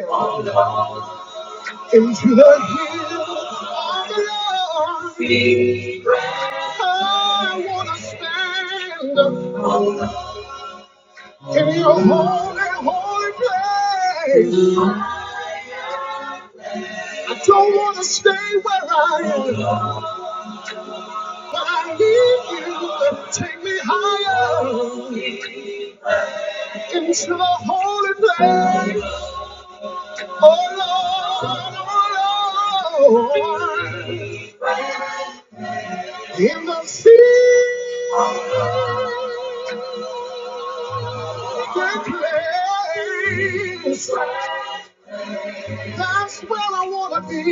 [SPEAKER 1] into the hills of the Lord. I wanna stand in your holy, holy place. I don't want to stay where I am, but I need you. Take me higher into the holy place. Oh Lord, oh Lord. In the secret place, that's where I want to be.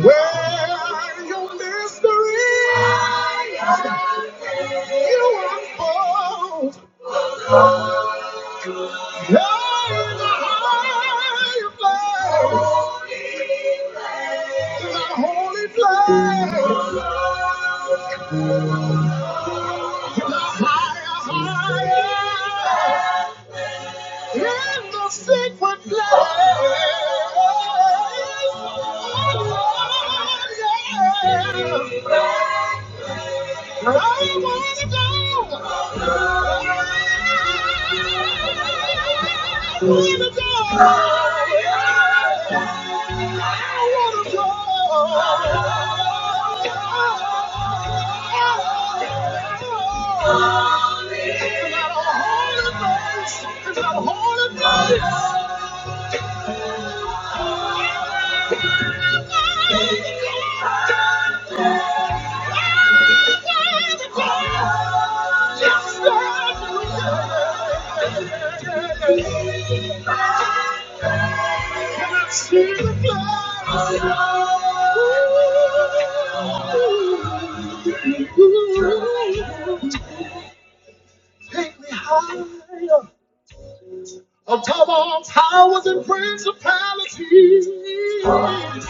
[SPEAKER 1] Where your mystery is. You are born in a high place, in a holy place, in a higher, higher, in the secret place. Oh, yeah. I want to go. I wanna want to go. It's not a hard place. It's not a hard place. Take me higher, Above all powers and principalities.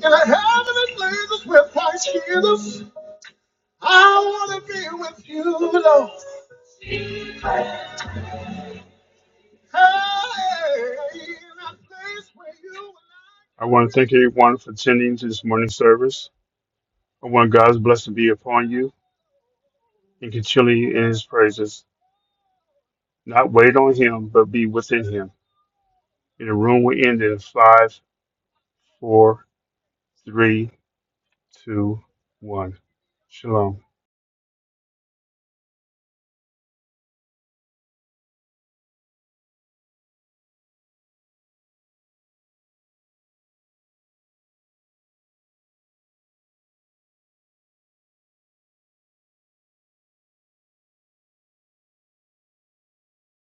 [SPEAKER 1] In the heavenly places with Christ Jesus, I want to be with you, Lord. I want to thank everyone for attending to this morning service. I want God's blessing to be upon you and continue in his praises. Not wait on him, but be within him. And the room will end in five, four, three, two, one. Shalom.